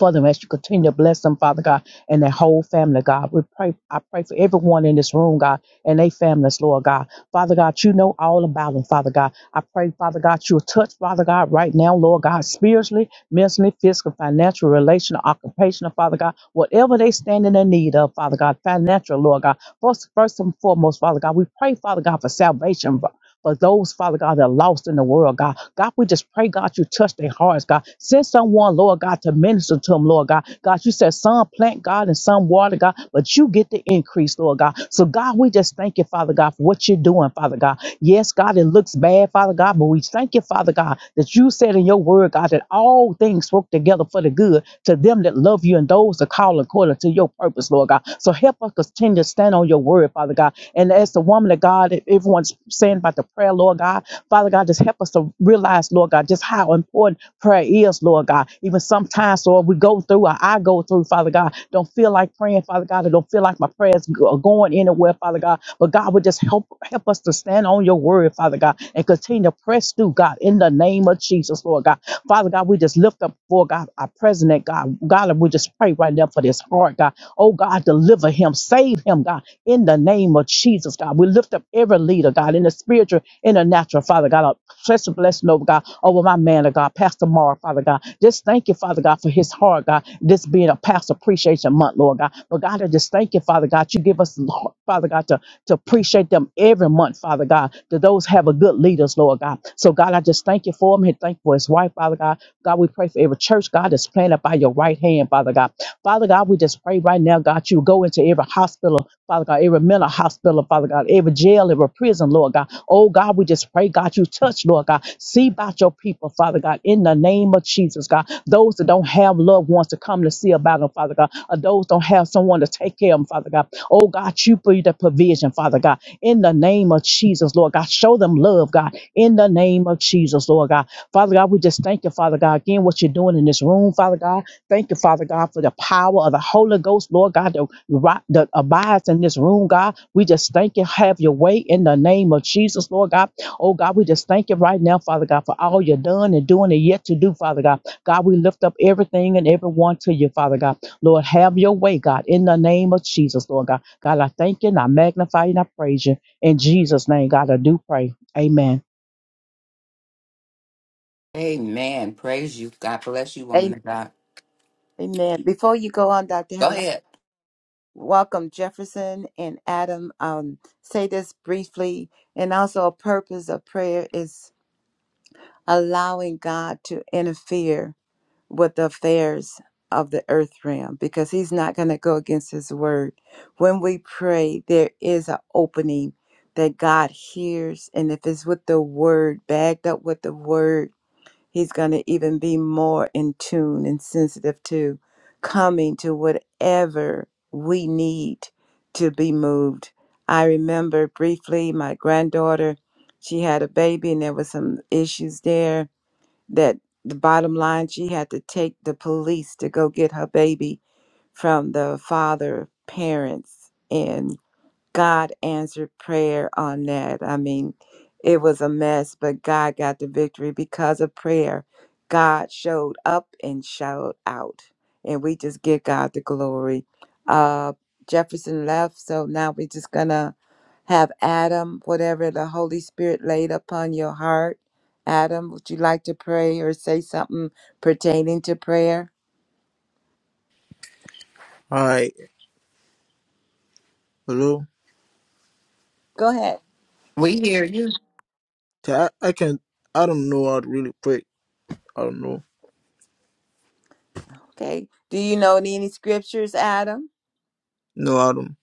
[SPEAKER 6] For them as you continue to bless them, Father God, and their whole family, God. We pray, I pray for everyone in this room, God, and their families, Lord God. Father God, you know all about them, Father God. I pray, Father God, you'll touch, Father God, right now, Lord God, spiritually, mentally, physical, financial, relational, occupational, Father God, whatever they stand in the need of, Father God, financial, Lord God. First, first and foremost, Father God, we pray, Father God, for salvation, for those, Father God, that are lost in the world, God. God, we just pray, God, you touch their hearts, God. Send someone, Lord God, to minister to them, Lord God. God, you said some plant, God, and some water, God, but you get the increase, Lord God. So, God, we just thank you, Father God, for what you're doing, Father God. Yes, God, it looks bad, Father God, but we thank you, Father God, that you said in your word, God, that all things work together for the good to them that love you and those that call according to your purpose, Lord God. So help us continue to stand on your word, Father God. And as the woman of God, if everyone's saying about the prayer, Lord God, Father God, just help us to realize, Lord God, just how important prayer is, Lord God. Even sometimes, Lord, we go through or I go through, Father God, don't feel like praying, Father God. I don't feel like my prayers go- are going anywhere, Father God. But God, would just help help us to stand on your word, Father God, and continue to press through, God, in the name of Jesus, Lord God. Father God, we just lift up for God, our president, God. God, and we just pray right now for this heart, God. Oh God, deliver him, save him, God, in the name of Jesus, God. We lift up every leader, God, in the spiritual, in the natural, Father God. A special blessing over God, over my man of God, Pastor Mara, Father God. Just thank you, Father God, for his heart, God. This being a past appreciation month, Lord God. But God, I just thank you, Father God. You give us us, Lord, Father God, to, to appreciate them every month, Father God, that those have a good leaders, Lord God. So, God, I just thank you for him and thank you for his wife, Father God. God, we pray for every church, God, that's planted by your right hand, Father God. Father God, we just pray right now, God, you go into every hospital, Father God, every mental hospital, Father God, every jail, every prison, Lord God. Oh, God, we just pray, God, you touch, Lord God. See about your people, Father God, in the name of Jesus, God. Those that don't have loved ones to come to see about them, Father God, or those don't have someone someone to take care of them, Father God. Oh God, you be the provision, Father God. In the name of Jesus, Lord God, show them love, God. In the name of Jesus, Lord God. Father God, we just thank you, Father God, again, what you're doing in this room, Father God. Thank you, Father God, for the power of the Holy Ghost, Lord God, that, ri- that abides in this room, God. We just thank you. Have your way in the name of Jesus, Lord God. Oh God, we just thank you right now, Father God, for all you're done and doing and yet to do, Father God. God, we lift up everything and everyone to you, Father God. Lord, have your way, God, in the name of Jesus, Lord God. God, I thank you and I magnify you and I praise you. In Jesus' name, God, I do pray. Amen.
[SPEAKER 1] Amen. Praise you. God bless you, woman
[SPEAKER 2] Amen.
[SPEAKER 1] of God.
[SPEAKER 2] Before you go on, Dr.
[SPEAKER 1] Go
[SPEAKER 2] Helen,
[SPEAKER 1] ahead.
[SPEAKER 2] welcome Jefferson and Adam. Um, say this briefly, and also a purpose of prayer is allowing God to interfere with the affairs of the earth realm because he's not going to go against his word. When we pray, there is an opening that God hears, and if it's with the word, bagged up with the word, He's going to even be more in tune and sensitive to coming to whatever we need to be moved. I remember briefly my granddaughter, she had a baby and there were some issues there that the bottom line she had to take the police to go get her baby from the father parents and. God answered prayer on that. I mean, it was a mess, but God got the victory because of prayer. God showed up and showed out. And we just give God the glory. Uh, Jefferson left, so now we're just going to have Adam, whatever the Holy Spirit laid upon your heart. Adam, would you like to pray or say something pertaining to prayer?
[SPEAKER 7] Hi, hello.
[SPEAKER 2] Go ahead.
[SPEAKER 1] We hear you.
[SPEAKER 7] Ta- I, I can. I don't know how to really pray. I don't know.
[SPEAKER 2] Okay. Do you know any scriptures, Adam?
[SPEAKER 7] No, I don't.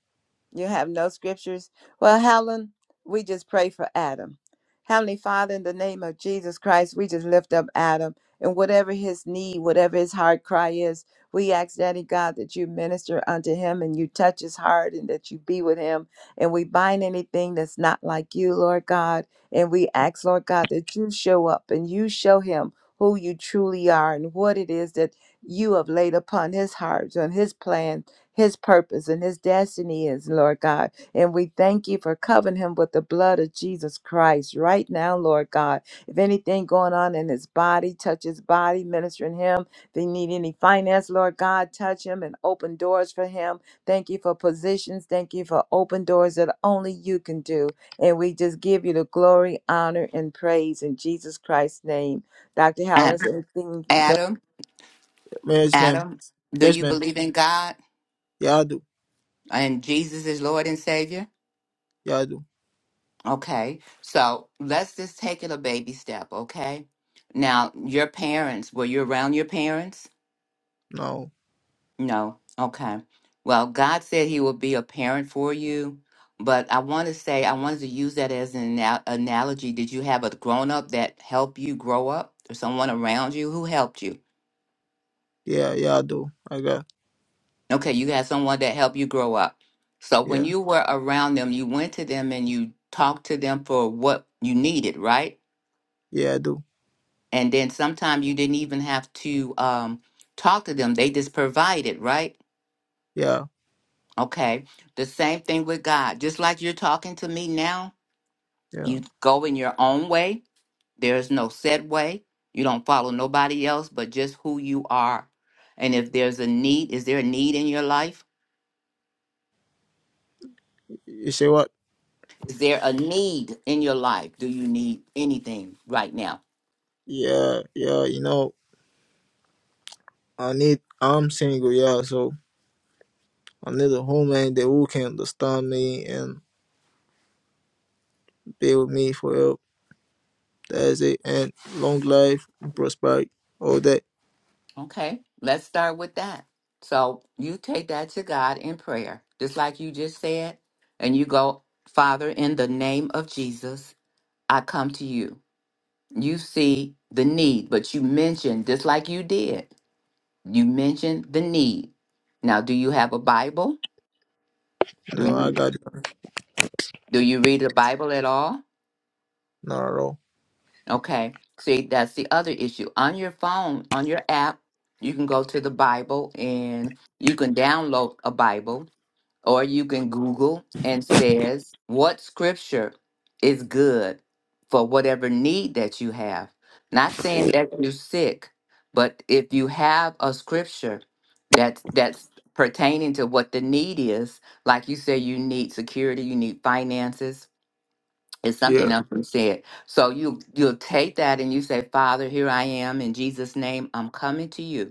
[SPEAKER 2] You have no scriptures? Well, Helen, we just pray for Adam. Heavenly Father, in the name of Jesus Christ, we just lift up Adam and whatever his need, whatever his heart cry is, we ask, Daddy God, that you minister unto him and you touch his heart and that you be with him. And we bind anything that's not like you, Lord God. And we ask, Lord God, that you show up and you show him who you truly are and what it is that you have laid upon his heart and his plan his purpose and his destiny is, Lord God. And we thank you for covering him with the blood of Jesus Christ right now, Lord God. If anything going on in his body, touch his body, ministering him. If they need any finance, Lord God, touch him and open doors for him. Thank you for positions. Thank you for open doors that only you can do. And we just give you the glory, honor, and praise in Jesus Christ's name. Dr.
[SPEAKER 1] Ad-
[SPEAKER 2] Hallis, anything go?
[SPEAKER 1] Adam,
[SPEAKER 7] Yes, ma'am.
[SPEAKER 1] Adam, do
[SPEAKER 7] Yes,
[SPEAKER 1] you
[SPEAKER 7] ma'am.
[SPEAKER 1] believe in God
[SPEAKER 7] Yeah, I do.
[SPEAKER 1] and Jesus is Lord and Savior?
[SPEAKER 7] Yeah, I do.
[SPEAKER 1] Okay. So let's just take it a baby step, okay? Now, your parents, were you around your parents?
[SPEAKER 7] No.
[SPEAKER 1] No. Okay. Well, God said He will be a parent for you. But I want to say, I wanted to use that as an anal- analogy. Did you have a grown up that helped you grow up or someone around you who helped you?
[SPEAKER 7] Yeah, yeah, I do. I got.
[SPEAKER 1] Okay, you had someone that helped you grow up. So when
[SPEAKER 7] Yeah,
[SPEAKER 1] you were around them, you went to them and you talked to them for what you needed, right?
[SPEAKER 7] yeah, I do.
[SPEAKER 1] And then sometimes you didn't even have to um, talk to them, they just provided, right?
[SPEAKER 7] Yeah,
[SPEAKER 1] Okay, the same thing with God. Just like you're talking to me now,
[SPEAKER 7] yeah.
[SPEAKER 1] you go in your own way, there's no set way. You don't follow nobody else but just who you are. And if there's a need, is there a need in your life?
[SPEAKER 7] You say what?
[SPEAKER 1] Is there a need in your life? Do you need anything right now?
[SPEAKER 7] Yeah, yeah. You know, I need. I'm single. Yeah, so I need a woman that who can understand me and be with me forever. That's it. And long life, prosperity, all that.
[SPEAKER 1] Okay, let's start with that. So you take that to God in prayer, just like you just said, and you go, Father, in the name of Jesus, I come to you. You see the need, but you mentioned, just like you did, you mentioned the need. Now, do you have a Bible? Do
[SPEAKER 7] No, I
[SPEAKER 1] you
[SPEAKER 7] got it.
[SPEAKER 1] do you read the Bible at all?
[SPEAKER 7] Not at all.
[SPEAKER 1] Okay. See, that's the other issue. On your phone, on your app, you can go to the Bible and you can download a Bible or you can Google and says what scripture is good for whatever need that you have. Not saying that you're sick, but if you have a scripture that's that's pertaining to what the need is, like you say you need security, you need finances, it's something
[SPEAKER 7] Yeah.
[SPEAKER 1] else we said. So you you'll take that and you say, Father, here I am in Jesus' name. I'm coming to you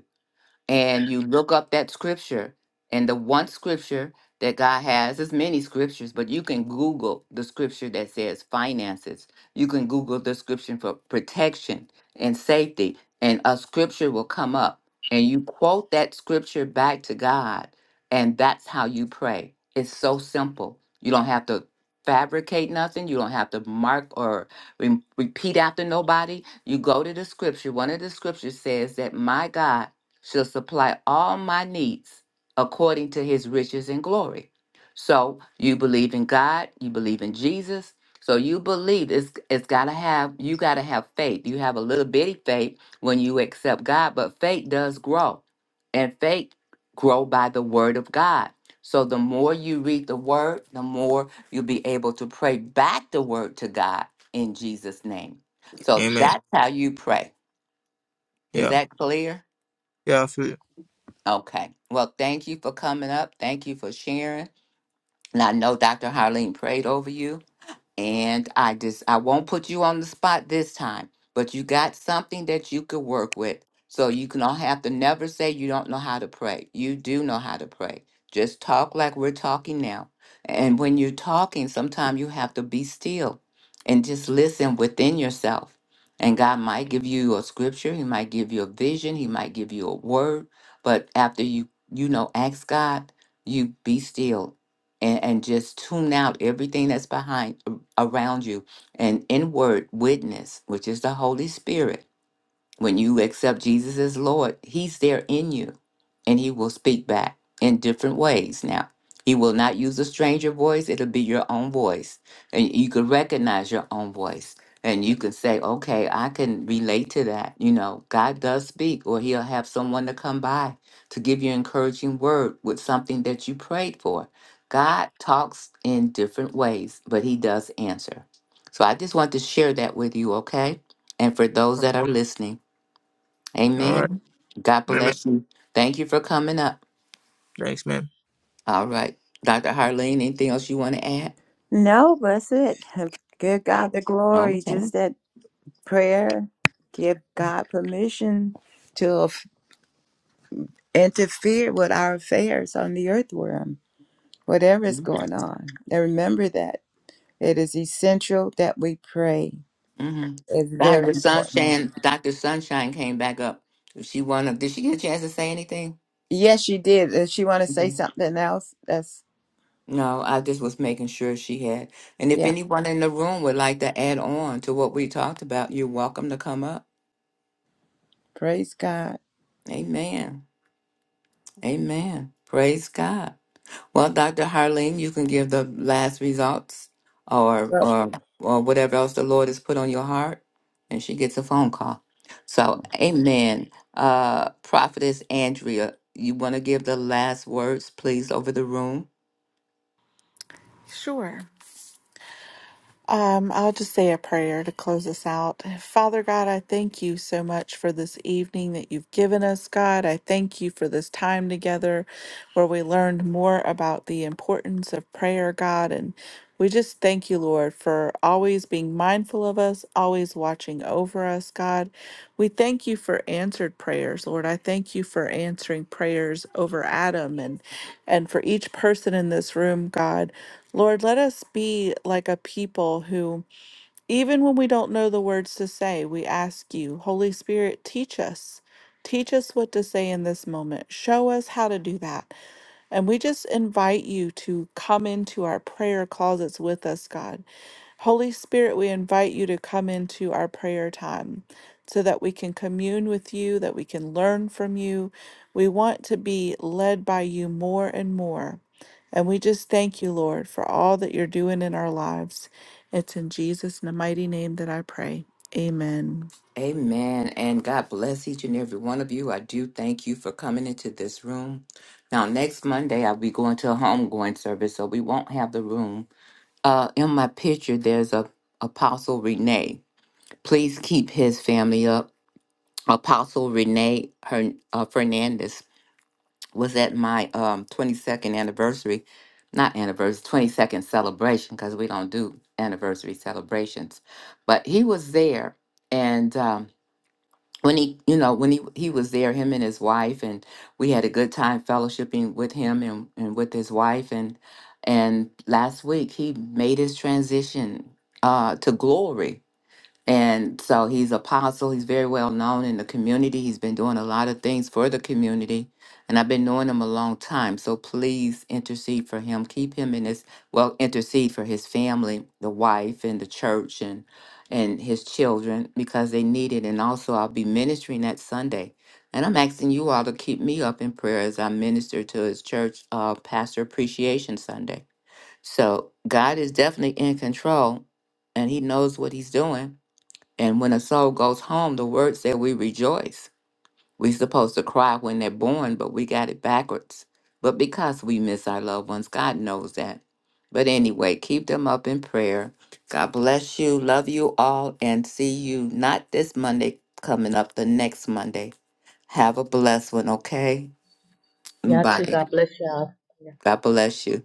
[SPEAKER 1] and you look up that scripture and the one scripture that god has is many scriptures but you can google the scripture that says finances you can google the scripture for protection and safety and a scripture will come up and you quote that scripture back to god and that's how you pray it's so simple you don't have to fabricate nothing you don't have to mark or re- repeat after nobody you go to the scripture one of the scriptures says that my god shall supply all my needs according to his riches and glory. So you believe in God, you believe in Jesus. So you believe it's it's gotta have you gotta have faith. You have a little bitty faith when you accept God, but faith does grow. And faith grow by the word of God. So the more you read the word, the more you'll be able to pray back the word to God in Jesus' name. So
[SPEAKER 7] Amen.
[SPEAKER 1] that's how you pray. Is
[SPEAKER 7] Yeah.
[SPEAKER 1] that clear?
[SPEAKER 7] Yeah. I feel
[SPEAKER 1] Okay. Well, thank you for coming up. Thank you for sharing. And I know Dr. Harleen prayed over you. And I just I won't put you on the spot this time, but you got something that you could work with. So you can all have to never say you don't know how to pray. You do know how to pray. Just talk like we're talking now. And when you're talking, sometimes you have to be still and just listen within yourself. And God might give you a scripture, he might give you a vision, he might give you a word, but after you you know ask God, you be still and, and just tune out everything that's behind around you, an inward witness, which is the Holy Spirit when you accept Jesus as Lord, He's there in you and He will speak back in different ways now. He will not use a stranger voice, it'll be your own voice. And you can recognize your own voice. And you can say, okay, I can relate to that. You know, God does speak, or He'll have someone to come by to give you encouraging word with something that you prayed for. God talks in different ways, but He does answer. So I just want to share that with you, okay? And for those that are listening,
[SPEAKER 7] All right.
[SPEAKER 1] Amen. God
[SPEAKER 7] Amen.
[SPEAKER 1] bless you. Thank you for coming up.
[SPEAKER 7] Thanks, man.
[SPEAKER 1] All right. Dr. Harleen, anything else you want to add?
[SPEAKER 2] No, that's it. Give God the glory.
[SPEAKER 1] Okay.
[SPEAKER 2] Just that Prayer give God permission to f- interfere with our affairs on the earth realm, whatever is going on. And remember that it is essential that we pray.
[SPEAKER 1] Mm-hmm.
[SPEAKER 2] It's very
[SPEAKER 1] Dr.
[SPEAKER 2] important.
[SPEAKER 1] Sunshine, Dr. Sunshine came back up. If She wanna did she get a chance to say anything?
[SPEAKER 2] Yes, she did. Does she want to say
[SPEAKER 1] Mhm.
[SPEAKER 2] something else? That's
[SPEAKER 1] No, I just was making sure she had. And if
[SPEAKER 2] yeah.
[SPEAKER 1] anyone in the room would like to add on to what we talked about, you're welcome to come up.
[SPEAKER 2] Praise God.
[SPEAKER 1] Amen. Amen. Praise God. Well, Dr. Harleen, you can give the last results or,
[SPEAKER 2] Well,
[SPEAKER 1] or, or whatever else the Lord has put on your heart, and she gets a phone call. So, amen. Uh, Prophetess Andrea, you want to give the last words, please, over the room?
[SPEAKER 5] Sure. Um, I'll just say a prayer to close us out. Father God, I thank you so much for this evening that you've given us, God. I thank you for this time together where we learned more about the importance of prayer, God. And we just thank you, Lord, for always being mindful of us, always watching over us, God. We thank you for answered prayers, Lord. I thank you for answering prayers over Adam and and for each person in this room, God. Lord, let us be like a people who, even when we don't know the words to say, we ask you, Holy Spirit, teach us. Teach us what to say in this moment. Show us how to do that. And we just invite you to come into our prayer closets with us, God. Holy Spirit, we invite you to come into our prayer time so that we can commune with you, that we can learn from you. We want to be led by you more and more. And we just thank you, Lord, for all that you're doing in our lives. It's in Jesus' mighty name that I pray. Amen.
[SPEAKER 1] Amen. And God bless each and every one of you. I do thank you for coming into this room. Now, next Monday, I'll be going to a homegoing service, so we won't have the room. Uh, in my picture, there's a Apostle Renee. Please keep his family up. Apostle Renee Hern- uh, Fernandez was at my um, 22nd anniversary, not anniversary, 22nd celebration, because we don't do anniversary celebrations. But he was there, and um, when he, you know, when he he was there, him and his wife, and we had a good time fellowshipping with him and, and with his wife, and and last week he made his transition uh, to glory and so he's apostle. He's very well known in the community. He's been doing a lot of things for the community. And I've been knowing him a long time. So please intercede for him. Keep him in his well, intercede for his family, the wife and the church and and his children because they need it. And also I'll be ministering that Sunday. And I'm asking you all to keep me up in prayer as I minister to his church uh Pastor Appreciation Sunday. So God is definitely in control and he knows what he's doing and when a soul goes home, the word said we rejoice. we supposed to cry when they're born, but we got it backwards. But because we miss our loved ones, God knows that. But anyway, keep them up in prayer. God bless you. Love you all and see you not this Monday, coming up the next Monday. Have a blessed one, okay?
[SPEAKER 6] Y'all too.
[SPEAKER 1] Bye.
[SPEAKER 6] God bless y'all.
[SPEAKER 1] God bless you.